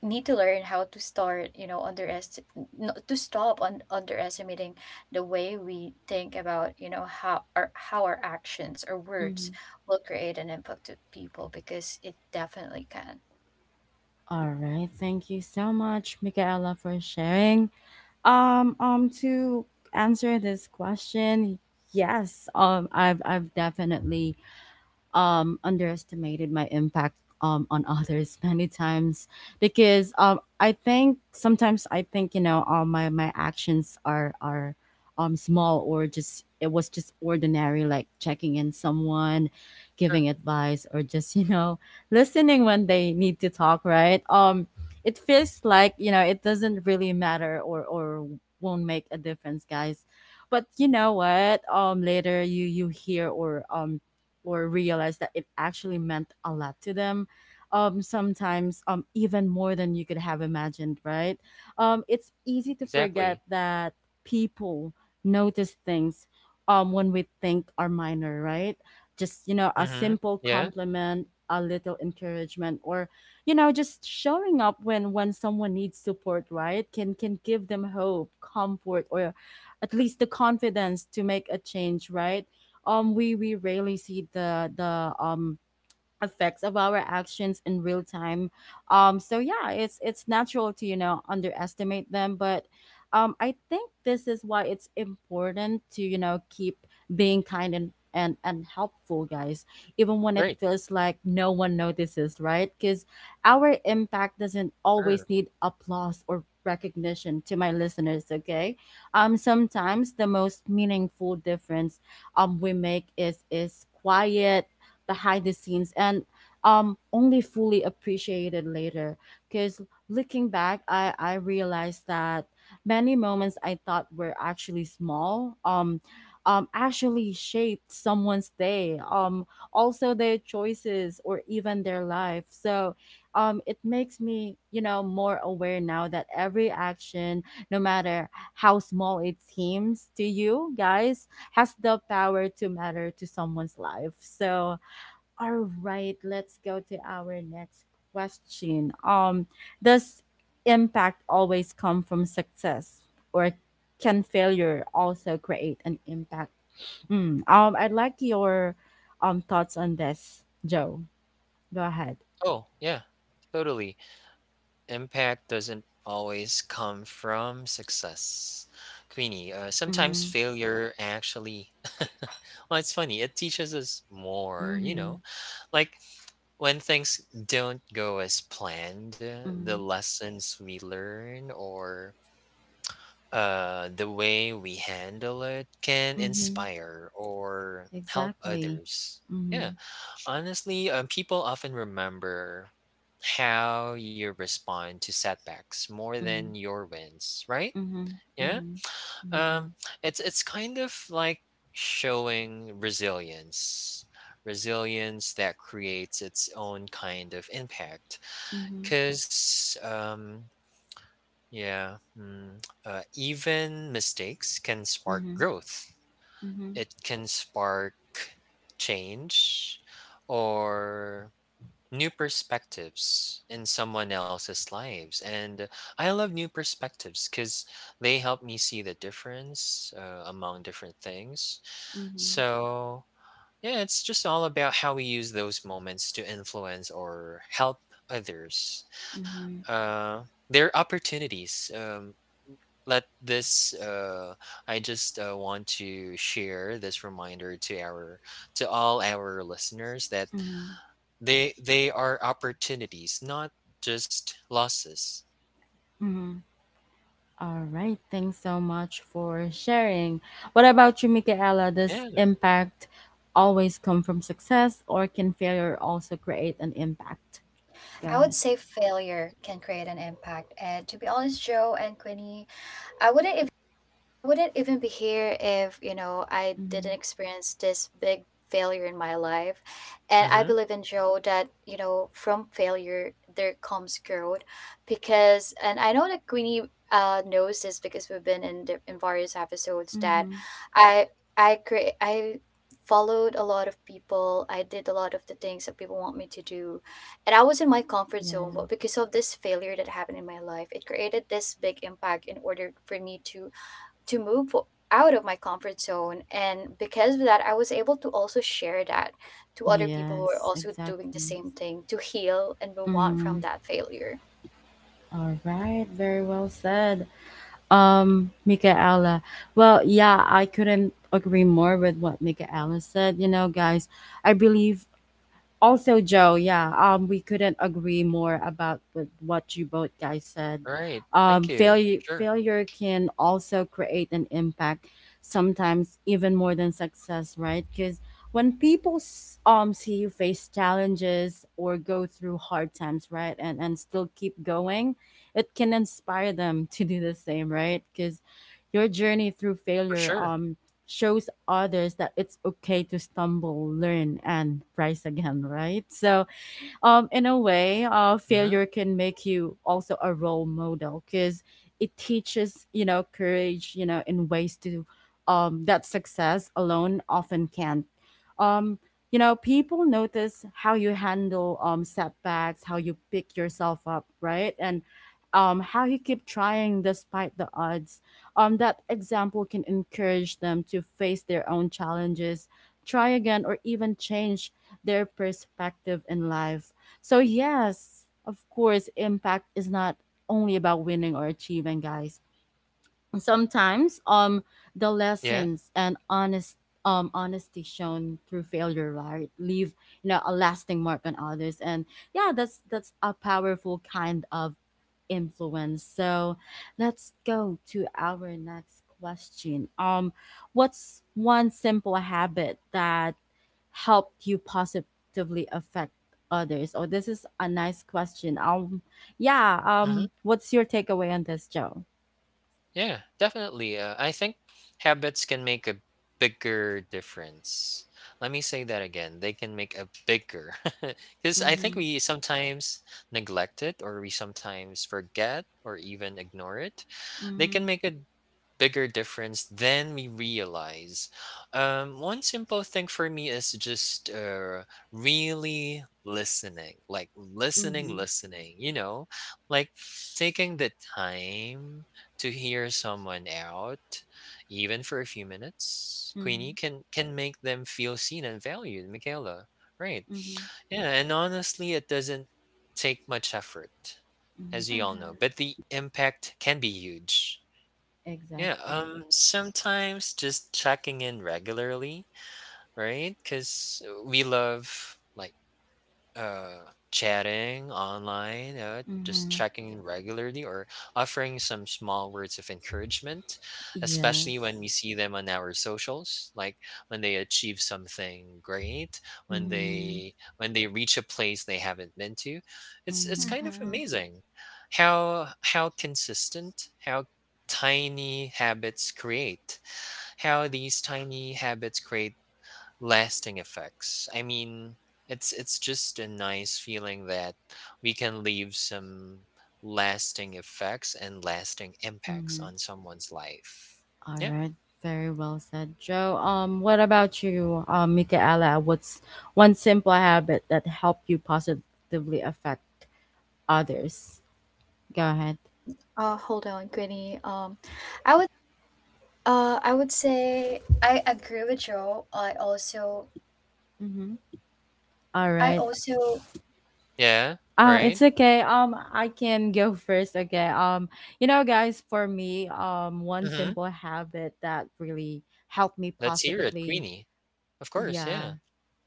S3: need to learn how to start, you know, underest not to stop on underestimating the way we think about, you know, how our how our actions or
S1: mm-hmm.
S3: words will create an impact to people, because it definitely can.
S1: All right, thank you so much, Michaela, for sharing. Um, um, to answer this question, yes, um, I've I've definitely um, underestimated my impact, um, on others many times, because um, I think sometimes, I think you know, all my my actions are, are um, small or just, it was just ordinary, like checking in someone,
S2: sure.
S1: giving advice, or just you know, listening when they need to talk, right? Um it feels like, you know, it doesn't really matter, or or won't make a difference, guys. But you know what, um later you, you hear, or um or realize that it actually meant a lot to them, um sometimes um even more than you could have imagined, right? Um it's easy to
S2: Exactly.
S1: forget that people notice things um when we think are minor, right? Just, you know, a
S2: Mm-hmm.
S1: simple
S2: Yeah.
S1: compliment, a little encouragement, or, you know, just showing up when, when someone needs support, right, can, can give them hope, comfort, or at least the confidence to make a change, right? Um we we rarely see the the um effects of our actions in real time. Um, so yeah, it's it's natural to, you know, underestimate them, but um, I think this is why it's important to, you know, keep being kind and and and helpful, guys, even when it
S2: Right,
S1: feels like no one notices, right? Because our impact doesn't
S2: sure.
S1: always need applause or recognition, to my listeners, okay. Um sometimes the most meaningful difference um we make is is quiet, behind the scenes, and um only fully appreciated later, because looking back, i i realized that many moments I thought were actually small um um actually shaped someone's day, um also their choices, or even their life. So um it makes me, you know, more aware now, that every action, no matter how small it seems to you, guys, has the power to matter to someone's life. So all right, let's go to our next question. Um, does impact always come from success, or can failure also create an impact? Hmm. Um, I'd like your um thoughts on this, Joe. Go ahead.
S2: Oh, yeah, totally. Impact doesn't always come from success, Queenie. Uh, sometimes
S1: Mm-hmm.
S2: failure actually, well, it's funny, it teaches us more, you know?
S1: Mm-hmm.
S2: Like when things don't go as planned, uh, the
S1: Mm-hmm.
S2: lessons we learn or uh, the way we handle it can
S1: Mm-hmm.
S2: inspire or help
S1: Exactly.
S2: others. Yeah.
S1: Mm-hmm.
S2: Honestly, um, people often remember how you respond to setbacks more than
S1: Mm-hmm.
S2: your wins, right?
S1: Mm-hmm.
S2: Yeah.
S1: Mm-hmm.
S2: Um,
S1: Yeah.
S2: it's it's kind of like showing resilience, resilience that creates its own kind of impact.
S1: Mm-hmm.
S2: Cause um, yeah, mm, uh, even mistakes can spark
S1: Mm-hmm.
S2: growth.
S1: Mm-hmm.
S2: It can spark change, or new perspectives in someone else's lives. And I love new perspectives because they help me see the difference uh, among different things.
S1: Mm-hmm.
S2: So yeah, it's just all about how we use those moments to influence or help others.
S1: Mm-hmm.
S2: Uh, are opportunities um, let this uh, I just uh, want to share this reminder to our to all our listeners that
S1: Mm-hmm.
S2: they they are opportunities, not just losses.
S1: Mm-hmm. All right. Thanks so much for sharing. What about you, Michaela? Does
S2: Yeah.
S1: impact always come from success, or can failure also create an impact? Go
S3: I would
S1: ahead.
S3: say failure can create an impact. And to be honest, Joe and Quinny, I wouldn't I wouldn't even be here if, you know, I
S1: Mm-hmm.
S3: didn't experience this big failure in my life. And I
S2: Mhm.
S3: believe in Joe that, you know, from failure there comes growth, because, and I know that Queenie uh knows this, because we've been in the, in various episodes that
S1: Mm-hmm.
S3: I I create I followed a lot of people. I did a lot of the things that people want me to do. And I was in my comfort zone,
S1: Yeah.
S3: but because of this failure that happened in my life, it created this big impact in order for me to to move out of my comfort zone. And because of that, I was able to also share that to other people who are
S1: Yes,
S3: also doing the
S1: exactly.
S3: same thing, to heal and move on
S1: Mm-hmm.
S3: from that failure.
S1: All right. Very well said, um, Michaela. Well, yeah, I couldn't agree more with what Michaela said. You know, guys, I believe also Joe, yeah, um we couldn't agree more about with what you both guys said.
S2: Right.
S1: Um
S2: Thank you.
S1: failure
S2: Sure.
S1: failure can also create an impact, sometimes even more than success, right? Because when people s- um see you face challenges or go through hard times, right, and and still keep going, it can inspire them to do the same, right? Because your journey through
S2: For
S1: failure
S2: sure.
S1: um shows others that it's okay to stumble, learn, and rise again, right? So um, in a way, uh,
S2: Mhm.
S1: failure can make you also a role model, because it teaches, you know, courage, you know, in ways to, um, that success alone often can't. Um, you know, people notice how you handle um, setbacks, how you pick yourself up, right? And um, how you keep trying despite the odds. Um, that example can encourage them to face their own challenges, try again, or even change their perspective in life. So, yes, of course, impact is not only about winning or achieving, guys. Sometimes, um, the
S2: Yeah.
S1: lessons and honest, um, honesty shown through failure, right, leave, you know, a lasting mark on others, and yeah, that's that's a powerful kind of influence. So, let's go to our next question. Um, what's one simple habit that helped you positively affect others? Oh, this is a nice question. Um, yeah.
S2: Mhm.
S1: Um, what's your takeaway on this, Joe?
S2: Yeah. Definitely. Uh, I think habits can make a bigger difference. Let me say that again. They can make a bigger because I think
S1: Mm-hmm.
S2: we sometimes neglect it or we sometimes forget or even ignore it. They can
S1: Mm-hmm.
S2: make a bigger difference than we realize. Um, one simple thing for me is just uh, really listening, like
S1: Mm-hmm.
S2: listening, listening, you know, like taking the time to hear someone out, even for a few minutes,
S1: Mm-hmm.
S2: Queenie. can can make them feel seen and valued, Michaela. Right.
S1: Mm-hmm.
S2: Yeah, and honestly, it doesn't take much effort,
S1: Mm-hmm.
S2: as we all
S3: Mm-hmm.
S2: know, but the impact can be huge. Yeah,
S1: Exactly.
S2: um, sometimes just checking in regularly, right? Because we love like uh, chatting online, uh, just
S1: Mm-hmm.
S2: checking in regularly, or offering some small words of encouragement, especially when
S1: Yes.
S2: we see them on our socials, like when they achieve something great, when
S1: Mm-hmm.
S2: they when they reach a place they haven't been to. It's
S1: Mm-hmm.
S2: it's kind of
S3: Mm-hmm.
S2: amazing how how consistent, how tiny habits create how these tiny habits create lasting effects. I mean, it's it's just a nice feeling that we can leave some lasting effects and lasting impacts
S1: Mm-hmm.
S2: on someone's life.
S1: All
S2: Yeah.
S1: right. Very well said, Joe. Um, what about you, um, Michaela? What's one simple habit that helped you positively affect others? Go ahead.
S3: Uh, hold on, Quinny. Um, I would. Uh, I would say I agree with Joe. I also,
S1: Mm-hmm. All
S3: I
S1: right.
S3: also
S2: Yeah.
S1: Uh, it's
S2: Right.
S1: okay. Um, I can go first. Okay. Um, you know, guys, for me, um, one
S2: Mm-hmm.
S1: simple habit that really helped me
S2: Let's hear it,
S1: positively,
S2: Queenie. Of course.
S1: yeah,
S2: Yeah.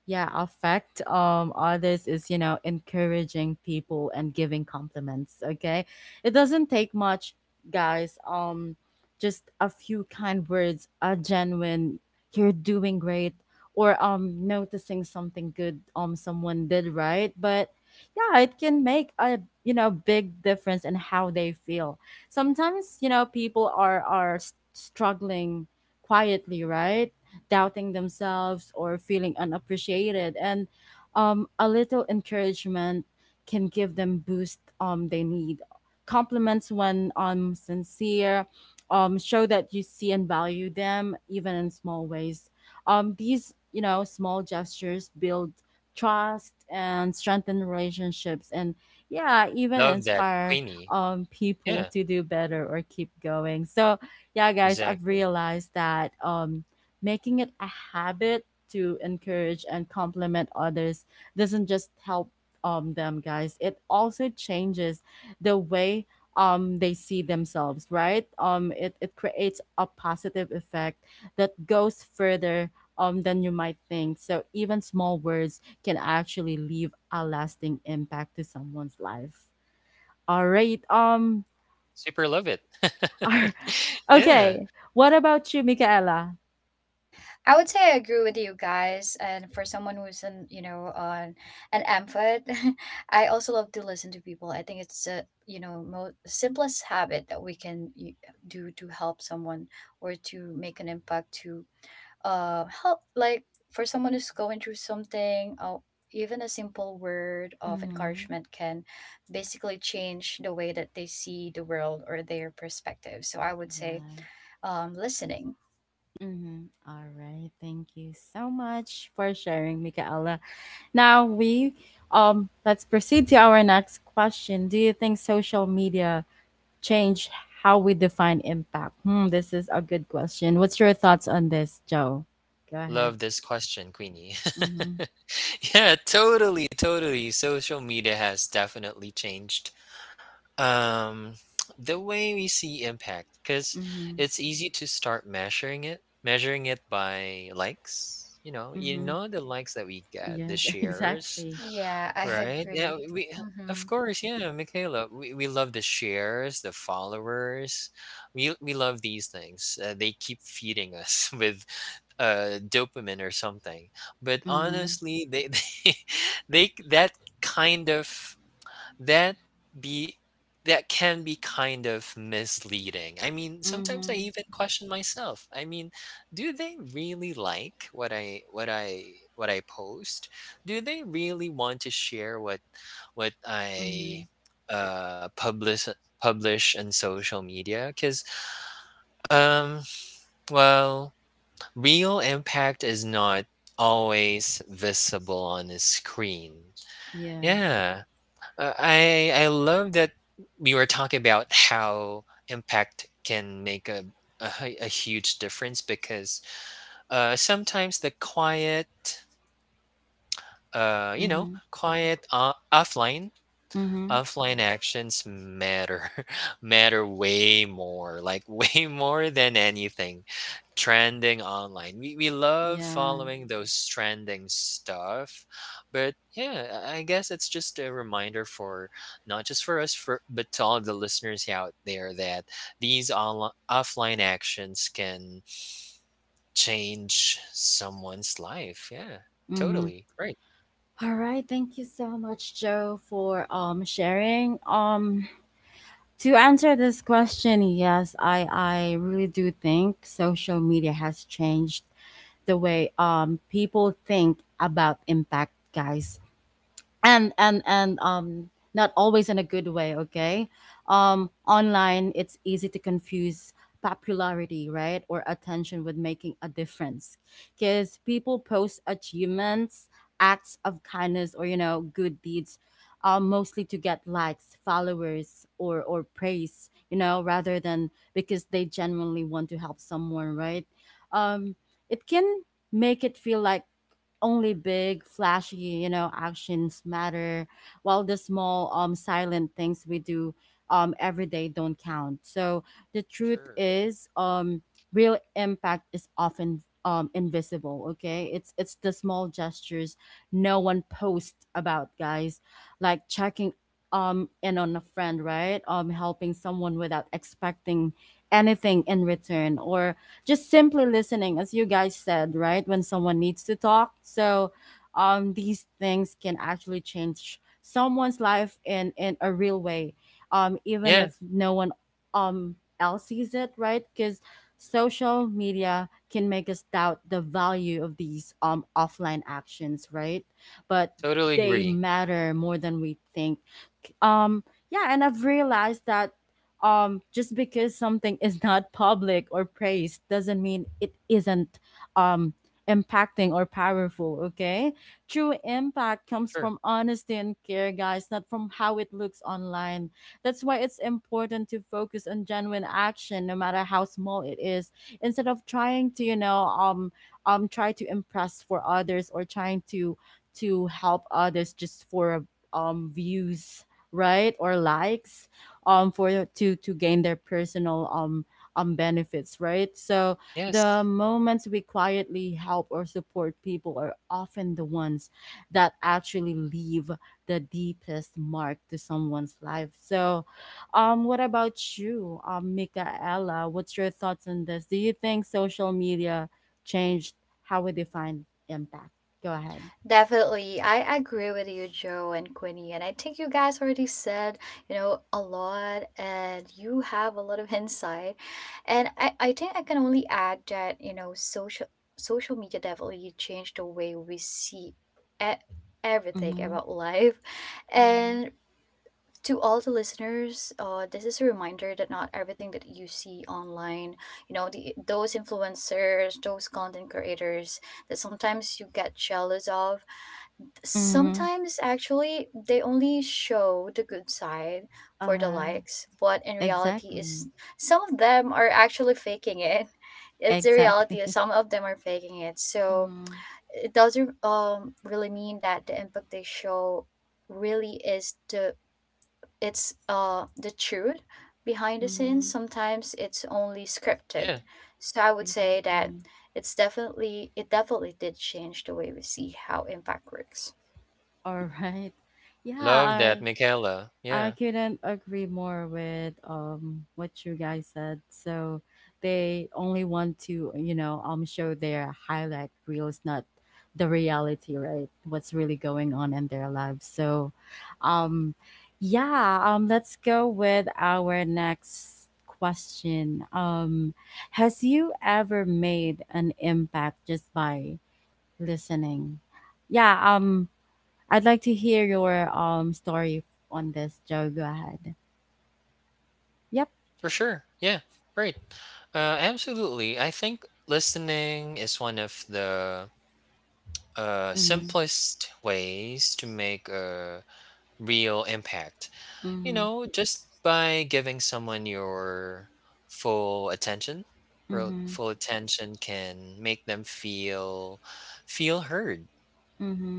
S1: yeah affect um others is, you know, encouraging people and giving compliments. Okay, it doesn't take much, guys. Um just a few kind words, a genuine "you're doing great," or um noticing something good um someone did, right? But yeah, it can make a, you know, big difference in how they feel. Sometimes, you know, people are are s- struggling quietly, right? Doubting themselves or feeling unappreciated, and um, a little encouragement can give them boost um, they need. Compliments, when um, sincere, um, show that you see and value them even in small ways. Um, these, you know, small gestures build trust and strengthen relationships, and yeah, even
S2: Love that,
S1: inspire
S2: Queenie.
S1: um people
S2: Yeah.
S1: to do better or keep going. So yeah, guys, I've
S2: Exactly.
S1: realized that um making it a habit to encourage and compliment others doesn't just help um, them, guys. It also changes the way um, they see themselves, right? Um, it, it creates a positive effect that goes further um, than you might think. So even small words can actually leave a lasting impact to someone's life. All right. Um.
S2: Super love it. Yeah.
S1: Okay. What about you, Michaela?
S3: I would say I agree with you guys. And for someone who's an, you know, on an amphet, I also love to listen to people. I think it's a, you know, most simplest habit that we can, y- do to help someone or to make an impact, to uh help, like, for someone who's going through something. Oh, even a simple word of
S1: Mm-hmm.
S3: encouragement can basically change the way that they see the world or their perspective. So I would say,
S1: Yeah.
S3: um, listening.
S1: Mhm. All right. Thank you so much for sharing, Michaela. Now we um let's proceed to our next question. Do you think social media changed how we define impact? Hmm, this is a good question. What's your thoughts on this, Joe? Go ahead.
S2: Love this question, Queenie.
S1: Mhm.
S2: Yeah, totally, totally. Social media has definitely changed Um, the way we see impact, because
S1: Mhm.
S2: it's easy to start measuring it, measuring it by likes. You know, you
S1: Mhm.
S2: know the likes that we get, the
S1: Yes,
S2: shares,
S1: exactly.
S3: Yeah, I
S2: right? Yeah,
S3: agree.
S2: we
S3: hmm
S2: of course, yeah, Michaela, we, we love the shares, the followers. We we love these things. Uh, they keep feeding us with uh dopamine or something. But
S1: Mhm.
S2: honestly, they they, they that kind of that be that can be kind of misleading. I mean, sometimes I
S1: Mhm.
S2: even question myself. I mean, do they really like what I what I what I post? Do they really want to share what what I
S1: Mhm.
S2: uh publish publish on social media? Cuz um well, real impact is not always visible on a screen.
S1: Yes.
S2: Yeah, uh, I I love that we were talking about how impact can make a a, hu- a huge difference because uh, sometimes the quiet, uh, you know,
S1: Mhm.
S2: quiet uh, offline
S1: Mhm.
S2: offline actions matter matter way more, like way more than anything trending online. We we love
S1: Yeah.
S2: following those trending stuff, but yeah, I I guess it's just a reminder for not just for us, for but to all of the listeners out there that these online offline actions can change someone's life. Yeah,
S1: Mhm.
S2: totally right.
S1: All right, thank you so much, Joe, for um sharing. Um to answer this question, yes, I I really do think social media has changed the way um people think about impact, guys, and and and um not always in a good way. Okay, um online, it's easy to confuse popularity, right, or attention with making a difference, because people post achievements, acts of kindness, or, you know, good deeds, um, mostly to get likes, followers, or or praise, you know, rather than because they genuinely want to help someone, right? um it can make it feel like only big, flashy, you know, actions matter, while the small, um, silent things we do um, every day don't count. So the truth
S2: Sure.
S1: is, um, real impact is often um invisible. Okay, it's it's the small gestures no one posts about, guys, like checking um in on a friend, right? Um, helping someone without expecting anything in return, or just simply listening, as you guys said, right? When someone needs to talk. So um, these things can actually change someone's life in, in a real way, um, even
S2: Yeah,
S1: if no one um, else sees it, right? Because social media can make us doubt the value of these um, offline actions, right? But
S2: totally
S1: they
S2: agree.
S1: matter more than we think. Um, yeah, and I've realized that um, just because something is not public or praised doesn't mean it isn't um, impacting or powerful, okay? True impact comes
S2: Sure.
S1: from honesty and care, guys, not from how it looks online. That's why it's important to focus on genuine action, no matter how small it is, instead of trying to, you know, um, um, try to impress for others or trying to to help others just for um views, right, or likes, um for to to gain their personal um um benefits, right? So the
S2: Yes.
S1: moments we quietly help or support people are often the ones that actually leave the deepest mark to someone's life. So um what about you, um Michaela? What's your thoughts on this? Do you think social media changed how we define impact? Go ahead.
S3: Definitely. I agree with you, Joe and Quinny. And I think you guys already said, you know, a lot, and you have a lot of insight. And I, I think I can only add that, you know, social social media definitely changed the way we see e- everything
S1: Mm-hmm.
S3: about life. And to all the listeners, uh, this is a reminder that not everything that you see online, you know, the, those influencers, those content creators that sometimes you get jealous of,
S1: Mm-hmm.
S3: sometimes actually they only show the good side
S1: Uh,
S3: for the
S1: huh.
S3: likes, but in reality
S1: Exactly.
S3: is, some of them are actually faking it. It's, the reality
S1: Exactly.
S3: is, some of them are faking it. So
S1: Mhm.
S3: it doesn't, um, really mean that the impact they show really is the, it's, uh, the truth. Behind the scenes,
S1: Mhm.
S3: sometimes it's only
S2: Yeah.
S3: scripted. So I would say that
S1: Exactly.
S3: it's definitely it definitely did change the way we see how impact works.
S1: All right. Yeah,
S2: Love that,
S1: I
S2: Michaela.
S1: I
S2: Yeah,
S1: couldn't agree more with um what you guys said. So they only want to, you know, um show their highlight reels, not the reality, right? What's really going on in their lives. So um yeah, um let's go with our next question. Um has you ever made an impact just by listening? Yeah, um I'd like to hear your um story on this, Joe. Go ahead. Yep.
S2: for sure. Yeah, right. Uh, absolutely. I think listening is one of the uh,
S1: Mm-hmm.
S2: simplest ways to make a real impact. You
S1: Mm-hmm.
S2: know, just by giving someone your full attention. Ro-
S1: Mm-hmm.
S2: Full attention can make them feel feel heard.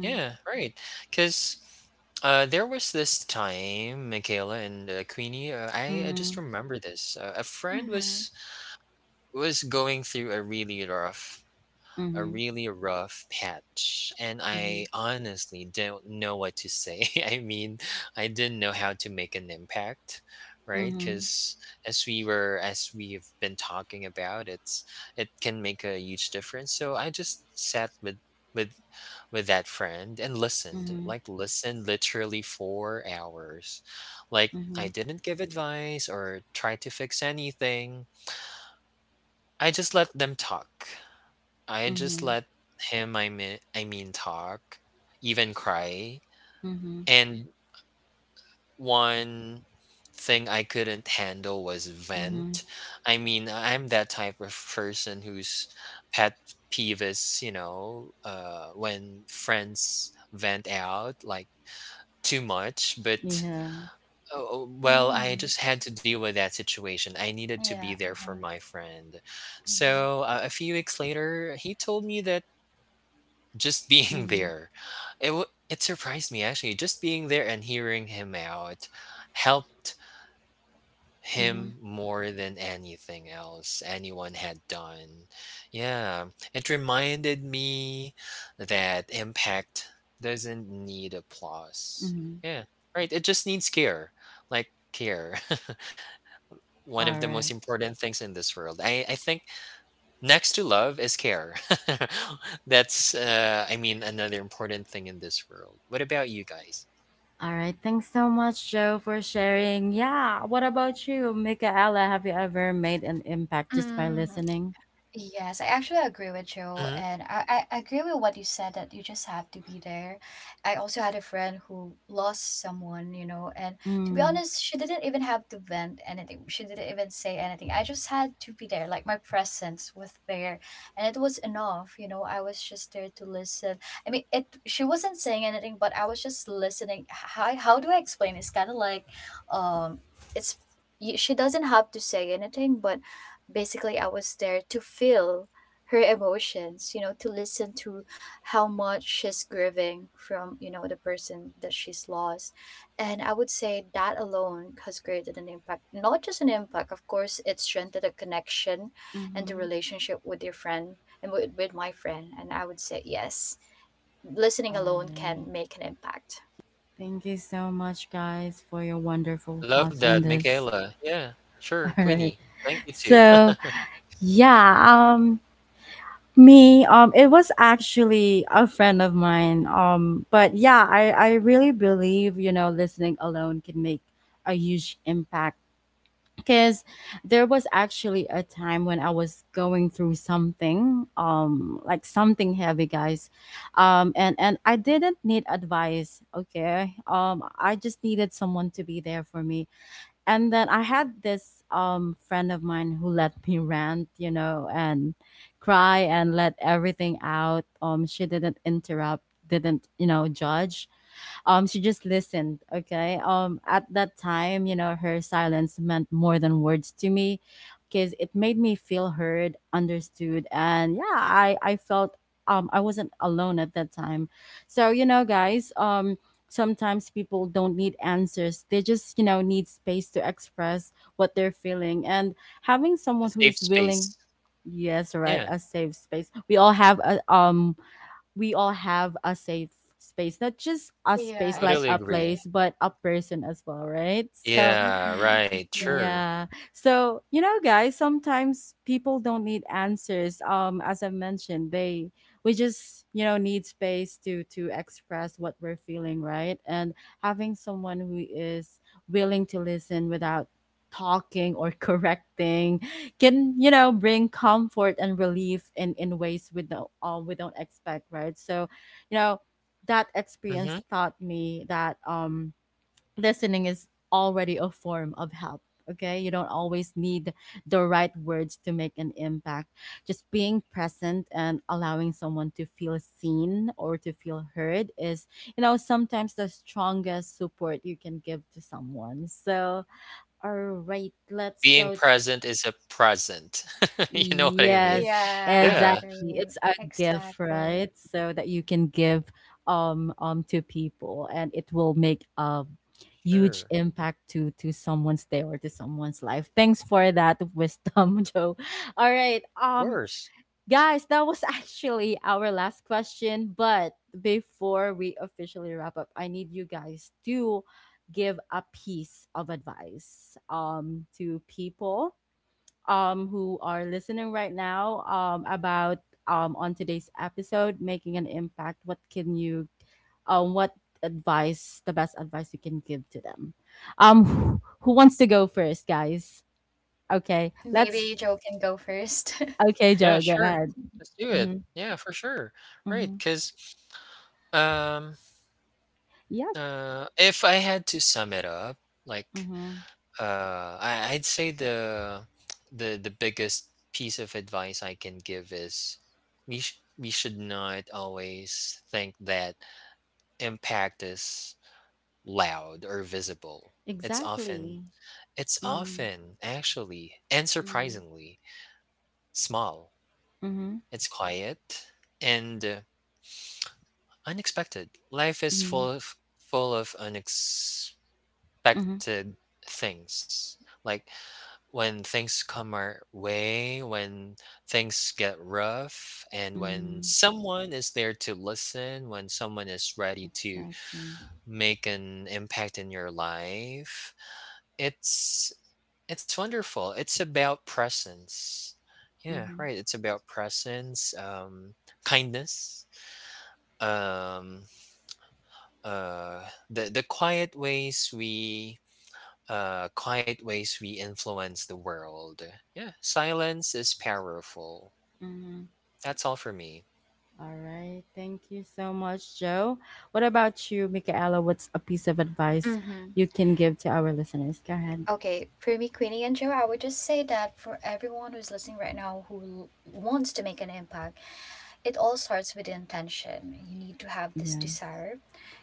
S2: Yeah, right. Because uh, there was this time, Michaela and uh, Queenie. Uh, I, I just
S1: Mm-hmm.
S2: remember this. Uh, a friend
S3: Mm-hmm.
S2: was was going through a really rough a
S1: Mm-hmm.
S2: really rough patch and
S1: Mm-hmm.
S2: I honestly don't know what to say. I mean, I didn't know how to make an impact, right?
S1: Mm-hmm.
S2: Cuz as we were as we've been talking about, it's it can make a huge difference. So I just sat with with with that friend and
S1: Mm-hmm.
S2: listened,
S1: Mm-hmm.
S2: like listened literally for hours. Like
S1: Mm-hmm.
S2: I didn't give advice or try to fix anything. I just let them talk. I just
S1: Mm-hmm.
S2: let him, I mean, I mean, talk, even cry.
S1: Mm-hmm.
S2: And one thing I couldn't handle was
S1: Mm-hmm.
S2: vent. I mean, I'm that type of person who's pet peeves, you know, uh, when friends vent out like too much. But
S1: Yeah.
S2: oh, oh, well, I
S3: Mm.
S2: just had to deal with that situation. I needed to be
S3: Yeah.
S2: there for
S3: Uh-huh.
S2: my friend. So
S3: Mm-hmm.
S2: uh, a few weeks later, he told me that just being
S1: Mm-hmm.
S2: there, it w- it surprised me actually, just being there and hearing him out helped him
S1: Mm-hmm.
S2: more than anything else anyone had done. Yeah, it reminded me that impact doesn't need applause.
S1: Mm-hmm.
S2: Yeah, right, it just needs care, like care. One of
S1: All
S2: the most
S1: right.
S2: important things in this world, i i think, next to love is care. That's, uh, I mean, another important thing in this world. What about you guys?
S1: All right. Thanks so much, Joe, for sharing. Yeah. What about you, Michaela? Have you ever made an impact just by
S3: Mm.
S1: listening?
S3: Yes, I actually agree with you,
S2: Mhm.
S3: and I, I agree with what you said, that you just have to be there. I also had a friend who lost someone, you know, and to be
S1: Mm.
S3: honest, she didn't even have to vent anything. She didn't even say anything. I just had to be there, like my presence was there, and it was enough, you know. I was just there to listen. I mean, it, she wasn't saying anything, but I was just listening. How how do I explain? It's kind of like, um, it's, y- she doesn't have to say anything, but basically I was there to feel her emotions, you know, to listen to how much she's grieving from, you know, the person that she's lost. And I would say that alone has created an impact. Not just an impact, of course, it strengthened the connection and the
S1: Mm-hmm.
S3: relationship with your friend, and with, with my friend. And I would say yes, listening
S1: All
S3: alone can
S1: right.
S3: make an impact.
S1: Thank you so much, guys, for your wonderful
S2: Love
S1: thoughts on
S2: that,
S1: this.
S2: Michaela. Yeah, sure,
S1: All right.
S2: Queenie. Thank you too.
S1: So, yeah, um, me, um, it was actually a friend of mine. Um, but yeah, I, I really believe, you know, listening alone can make a huge impact, because there was actually a time when I was going through something, um, like something heavy, guys. Um, and, and I didn't need advice. Okay. Um, I just needed someone to be there for me, and then I had this um friend of mine who let me rant, you know, and cry and let everything out. Um, she didn't interrupt, didn't, you know, judge. Um, she just listened. Okay. Um, at that time, you know, her silence meant more than words to me, because it made me feel heard, understood, and yeah, I I felt um I wasn't alone at that time. So you know, guys, um sometimes people don't need answers, they just, you know, need space to express what they're feeling, and having
S2: A
S1: someone who
S2: safe
S1: is willing.
S2: space.
S1: Yes, right,
S2: Yeah,
S1: a safe space. We all have a, um we all have a safe space, not just a
S3: Yeah,
S1: space like
S2: totally
S1: a
S3: exactly.
S2: agree.
S1: place, but a person as well, right? So,
S2: Yeah,
S3: Hmm.
S2: right,
S3: Yeah.
S2: sure.
S1: yeah. So, you know, guys, sometimes people don't need answers. Um, as I mentioned, they we just, you know, need space to to express what we're feeling, right? And having someone who is willing to listen without talking or correcting can, you know, bring comfort and relief in in ways we don't, uh, we don't expect, right? So you know, that
S2: Hmm.
S1: experience taught me that um listening is already a form of help. Okay, you don't always need the right words to make an impact. Just being present and allowing someone to feel seen or to feel heard is, you know, sometimes the strongest support you can give to someone. So all right, let's
S2: Being
S1: go.
S2: present is a present. You know what I mean?
S1: Yes,
S3: Yeah, I
S2: Yeah,
S1: exactly.
S3: agree.
S1: It's a gift,
S3: Exactly.
S1: right? So that you can give um um to people and it will make a huge
S2: sure.
S1: impact to to someone's day or to someone's life. Thanks for that wisdom, Joe. All right.
S2: Of
S1: Um
S2: course.
S1: guys, that was actually our last question, but before we officially wrap up, I need you guys to give a piece of advice um to people um, who are listening right now, um, about um, on today's episode making an impact. What can you, um, what advice, the best advice you can give to them? Um, who, who wants to go first, guys? Okay, let's.
S3: Maybe Joe can go first.
S1: Okay,
S2: Yeah,
S1: Joe, go
S2: sure.
S1: ahead.
S2: Let's do it.
S1: Mm-hmm.
S2: Yeah, for sure. Right,
S1: Mm-hmm.
S2: because. Um,
S1: Yep.
S2: Uh, if I had to sum it up, like
S1: Mm-hmm.
S2: uh, I, I'd say the the the biggest piece of advice I can give is we sh- we should not always think that impact is loud or visible. It's often
S1: Exactly.
S2: it's
S1: Mm-hmm.
S2: often actually and
S1: Mm-hmm.
S2: surprisingly small.
S1: Mm-hmm.
S2: It's quiet and uh, unexpected. Life is
S1: Mm-hmm.
S2: full of full of unex unexpected things. Like when things come our way, when things get rough, and when
S1: Mm-hmm.
S2: someone is there to listen, when someone is ready to
S1: Exactly.
S2: make an impact in your life, it's it's wonderful. It's about presence. Yeah,
S1: Mm-hmm.
S2: right. It's about presence, um, kindness, um, uh, the the quiet ways we uh, quiet ways we influence the world. Yeah, silence is powerful.
S1: Mm-hmm.
S2: That's all for me.
S1: All right. Thank you so much, Joe. What about you, Michaela? What's a piece of advice
S3: Mm-hmm.
S1: you can give to our listeners? Go ahead.
S3: Okay, for me, Queenie and Joe, I would just say that for everyone who's listening right now who l- wants to make an impact, it all starts with intention. You need to have this
S1: Yes.
S3: desire,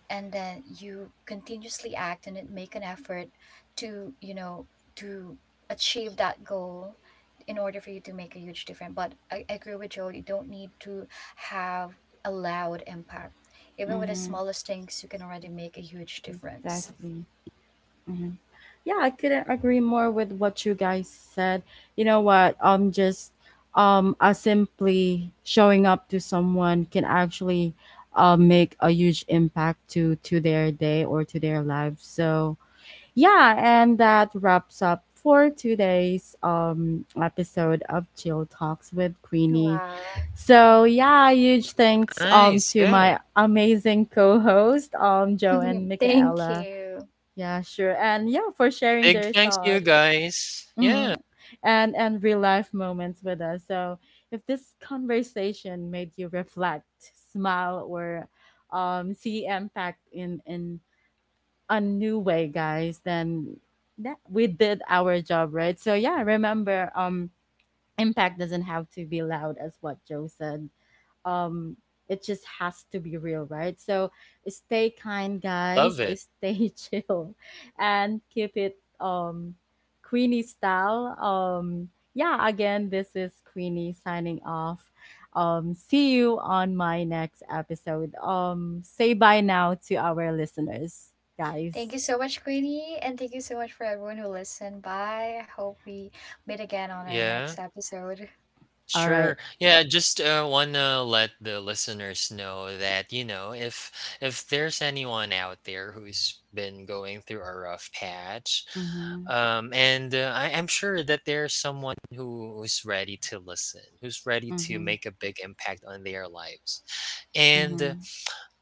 S3: and then you continuously act and it make an effort to, you know, to achieve that goal in order for you to make a huge difference. But i, I agree with Joe, you don't need to have a loud impact. Even with the
S1: Mm-hmm.
S3: smallest things, you can already make a huge difference.
S1: Exactly. Hmm. Yeah, I couldn't agree more with what you guys said. You know what? Um, just um, uh, simply showing up to someone can actually uh, make a huge impact to to their day or to their lives. So, yeah, and that wraps up for today's um episode of Chill Talks with Queenie.
S3: Wow.
S1: So
S3: Mhm.
S1: yeah, huge thanks
S2: Nice.
S1: um to
S2: Yeah.
S1: my amazing co-host um Joe and
S3: Thank
S1: Michaela.
S3: you.
S1: Yeah, sure, and yeah for sharing
S2: Big
S1: their
S2: thanks to you
S1: thoughts.
S2: guys.
S1: Mhm.
S2: Yeah.
S1: And and real life moments with us. So if this conversation made you reflect, smile, or um, see impact in in a new way, guys, then that we did our job, right? So yeah, remember, um, impact doesn't have to be loud, as what Joe said. Um, it just has to be real, right? So stay kind, guys.
S2: Love it.
S1: Stay chill, and keep it um, Queenie style. Um, yeah. Again, this is Queenie signing off. Um, see you on my next episode. Um, say bye now to our listeners, guys.
S3: Thank you so much, Queenie, and thank you so much for everyone who listened. Bye. I hope we meet again on our
S2: Yeah.
S3: next episode.
S2: Sure.
S1: Alright.
S2: Yeah, just uh, wanna let the listeners know that, you know, if if there's anyone out there who's been going through a rough patch,
S1: Mhm,
S2: um and uh, I am sure that there's someone who who's ready to listen, who's ready to
S1: mhm,
S2: make a big impact on their lives. And uh,
S1: mhm,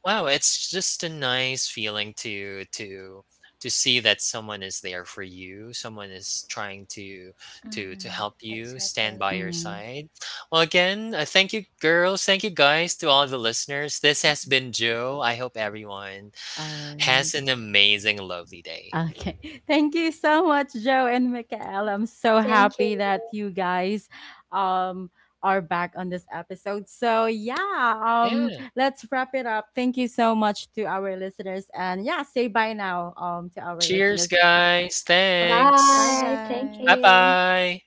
S2: wow, it's just a nice feeling to to to see that someone is there for you, someone is trying to to to
S3: Mm-hmm.
S2: help you stand
S3: Exactly.
S2: by your
S1: mhm.
S2: side. Well, again, uh, thank you girls, thank you guys, to all the listeners. This has been Joe. I hope everyone
S1: Alright.
S2: has an amazing lovely day.
S1: Okay. Thank you so much, Joe and Michael. I'm so
S3: Thank you.
S1: happy that you guys um are back on this episode. So yeah, um
S2: Yeah.
S1: let's wrap it up. Thank you so much to our listeners and yeah, say bye now um to our
S2: Cheers,
S1: listeners.
S2: guys.
S1: Bye, bye
S2: Thanks.
S3: Bye. Thank
S2: Bye
S1: guys.
S3: you.
S2: bye.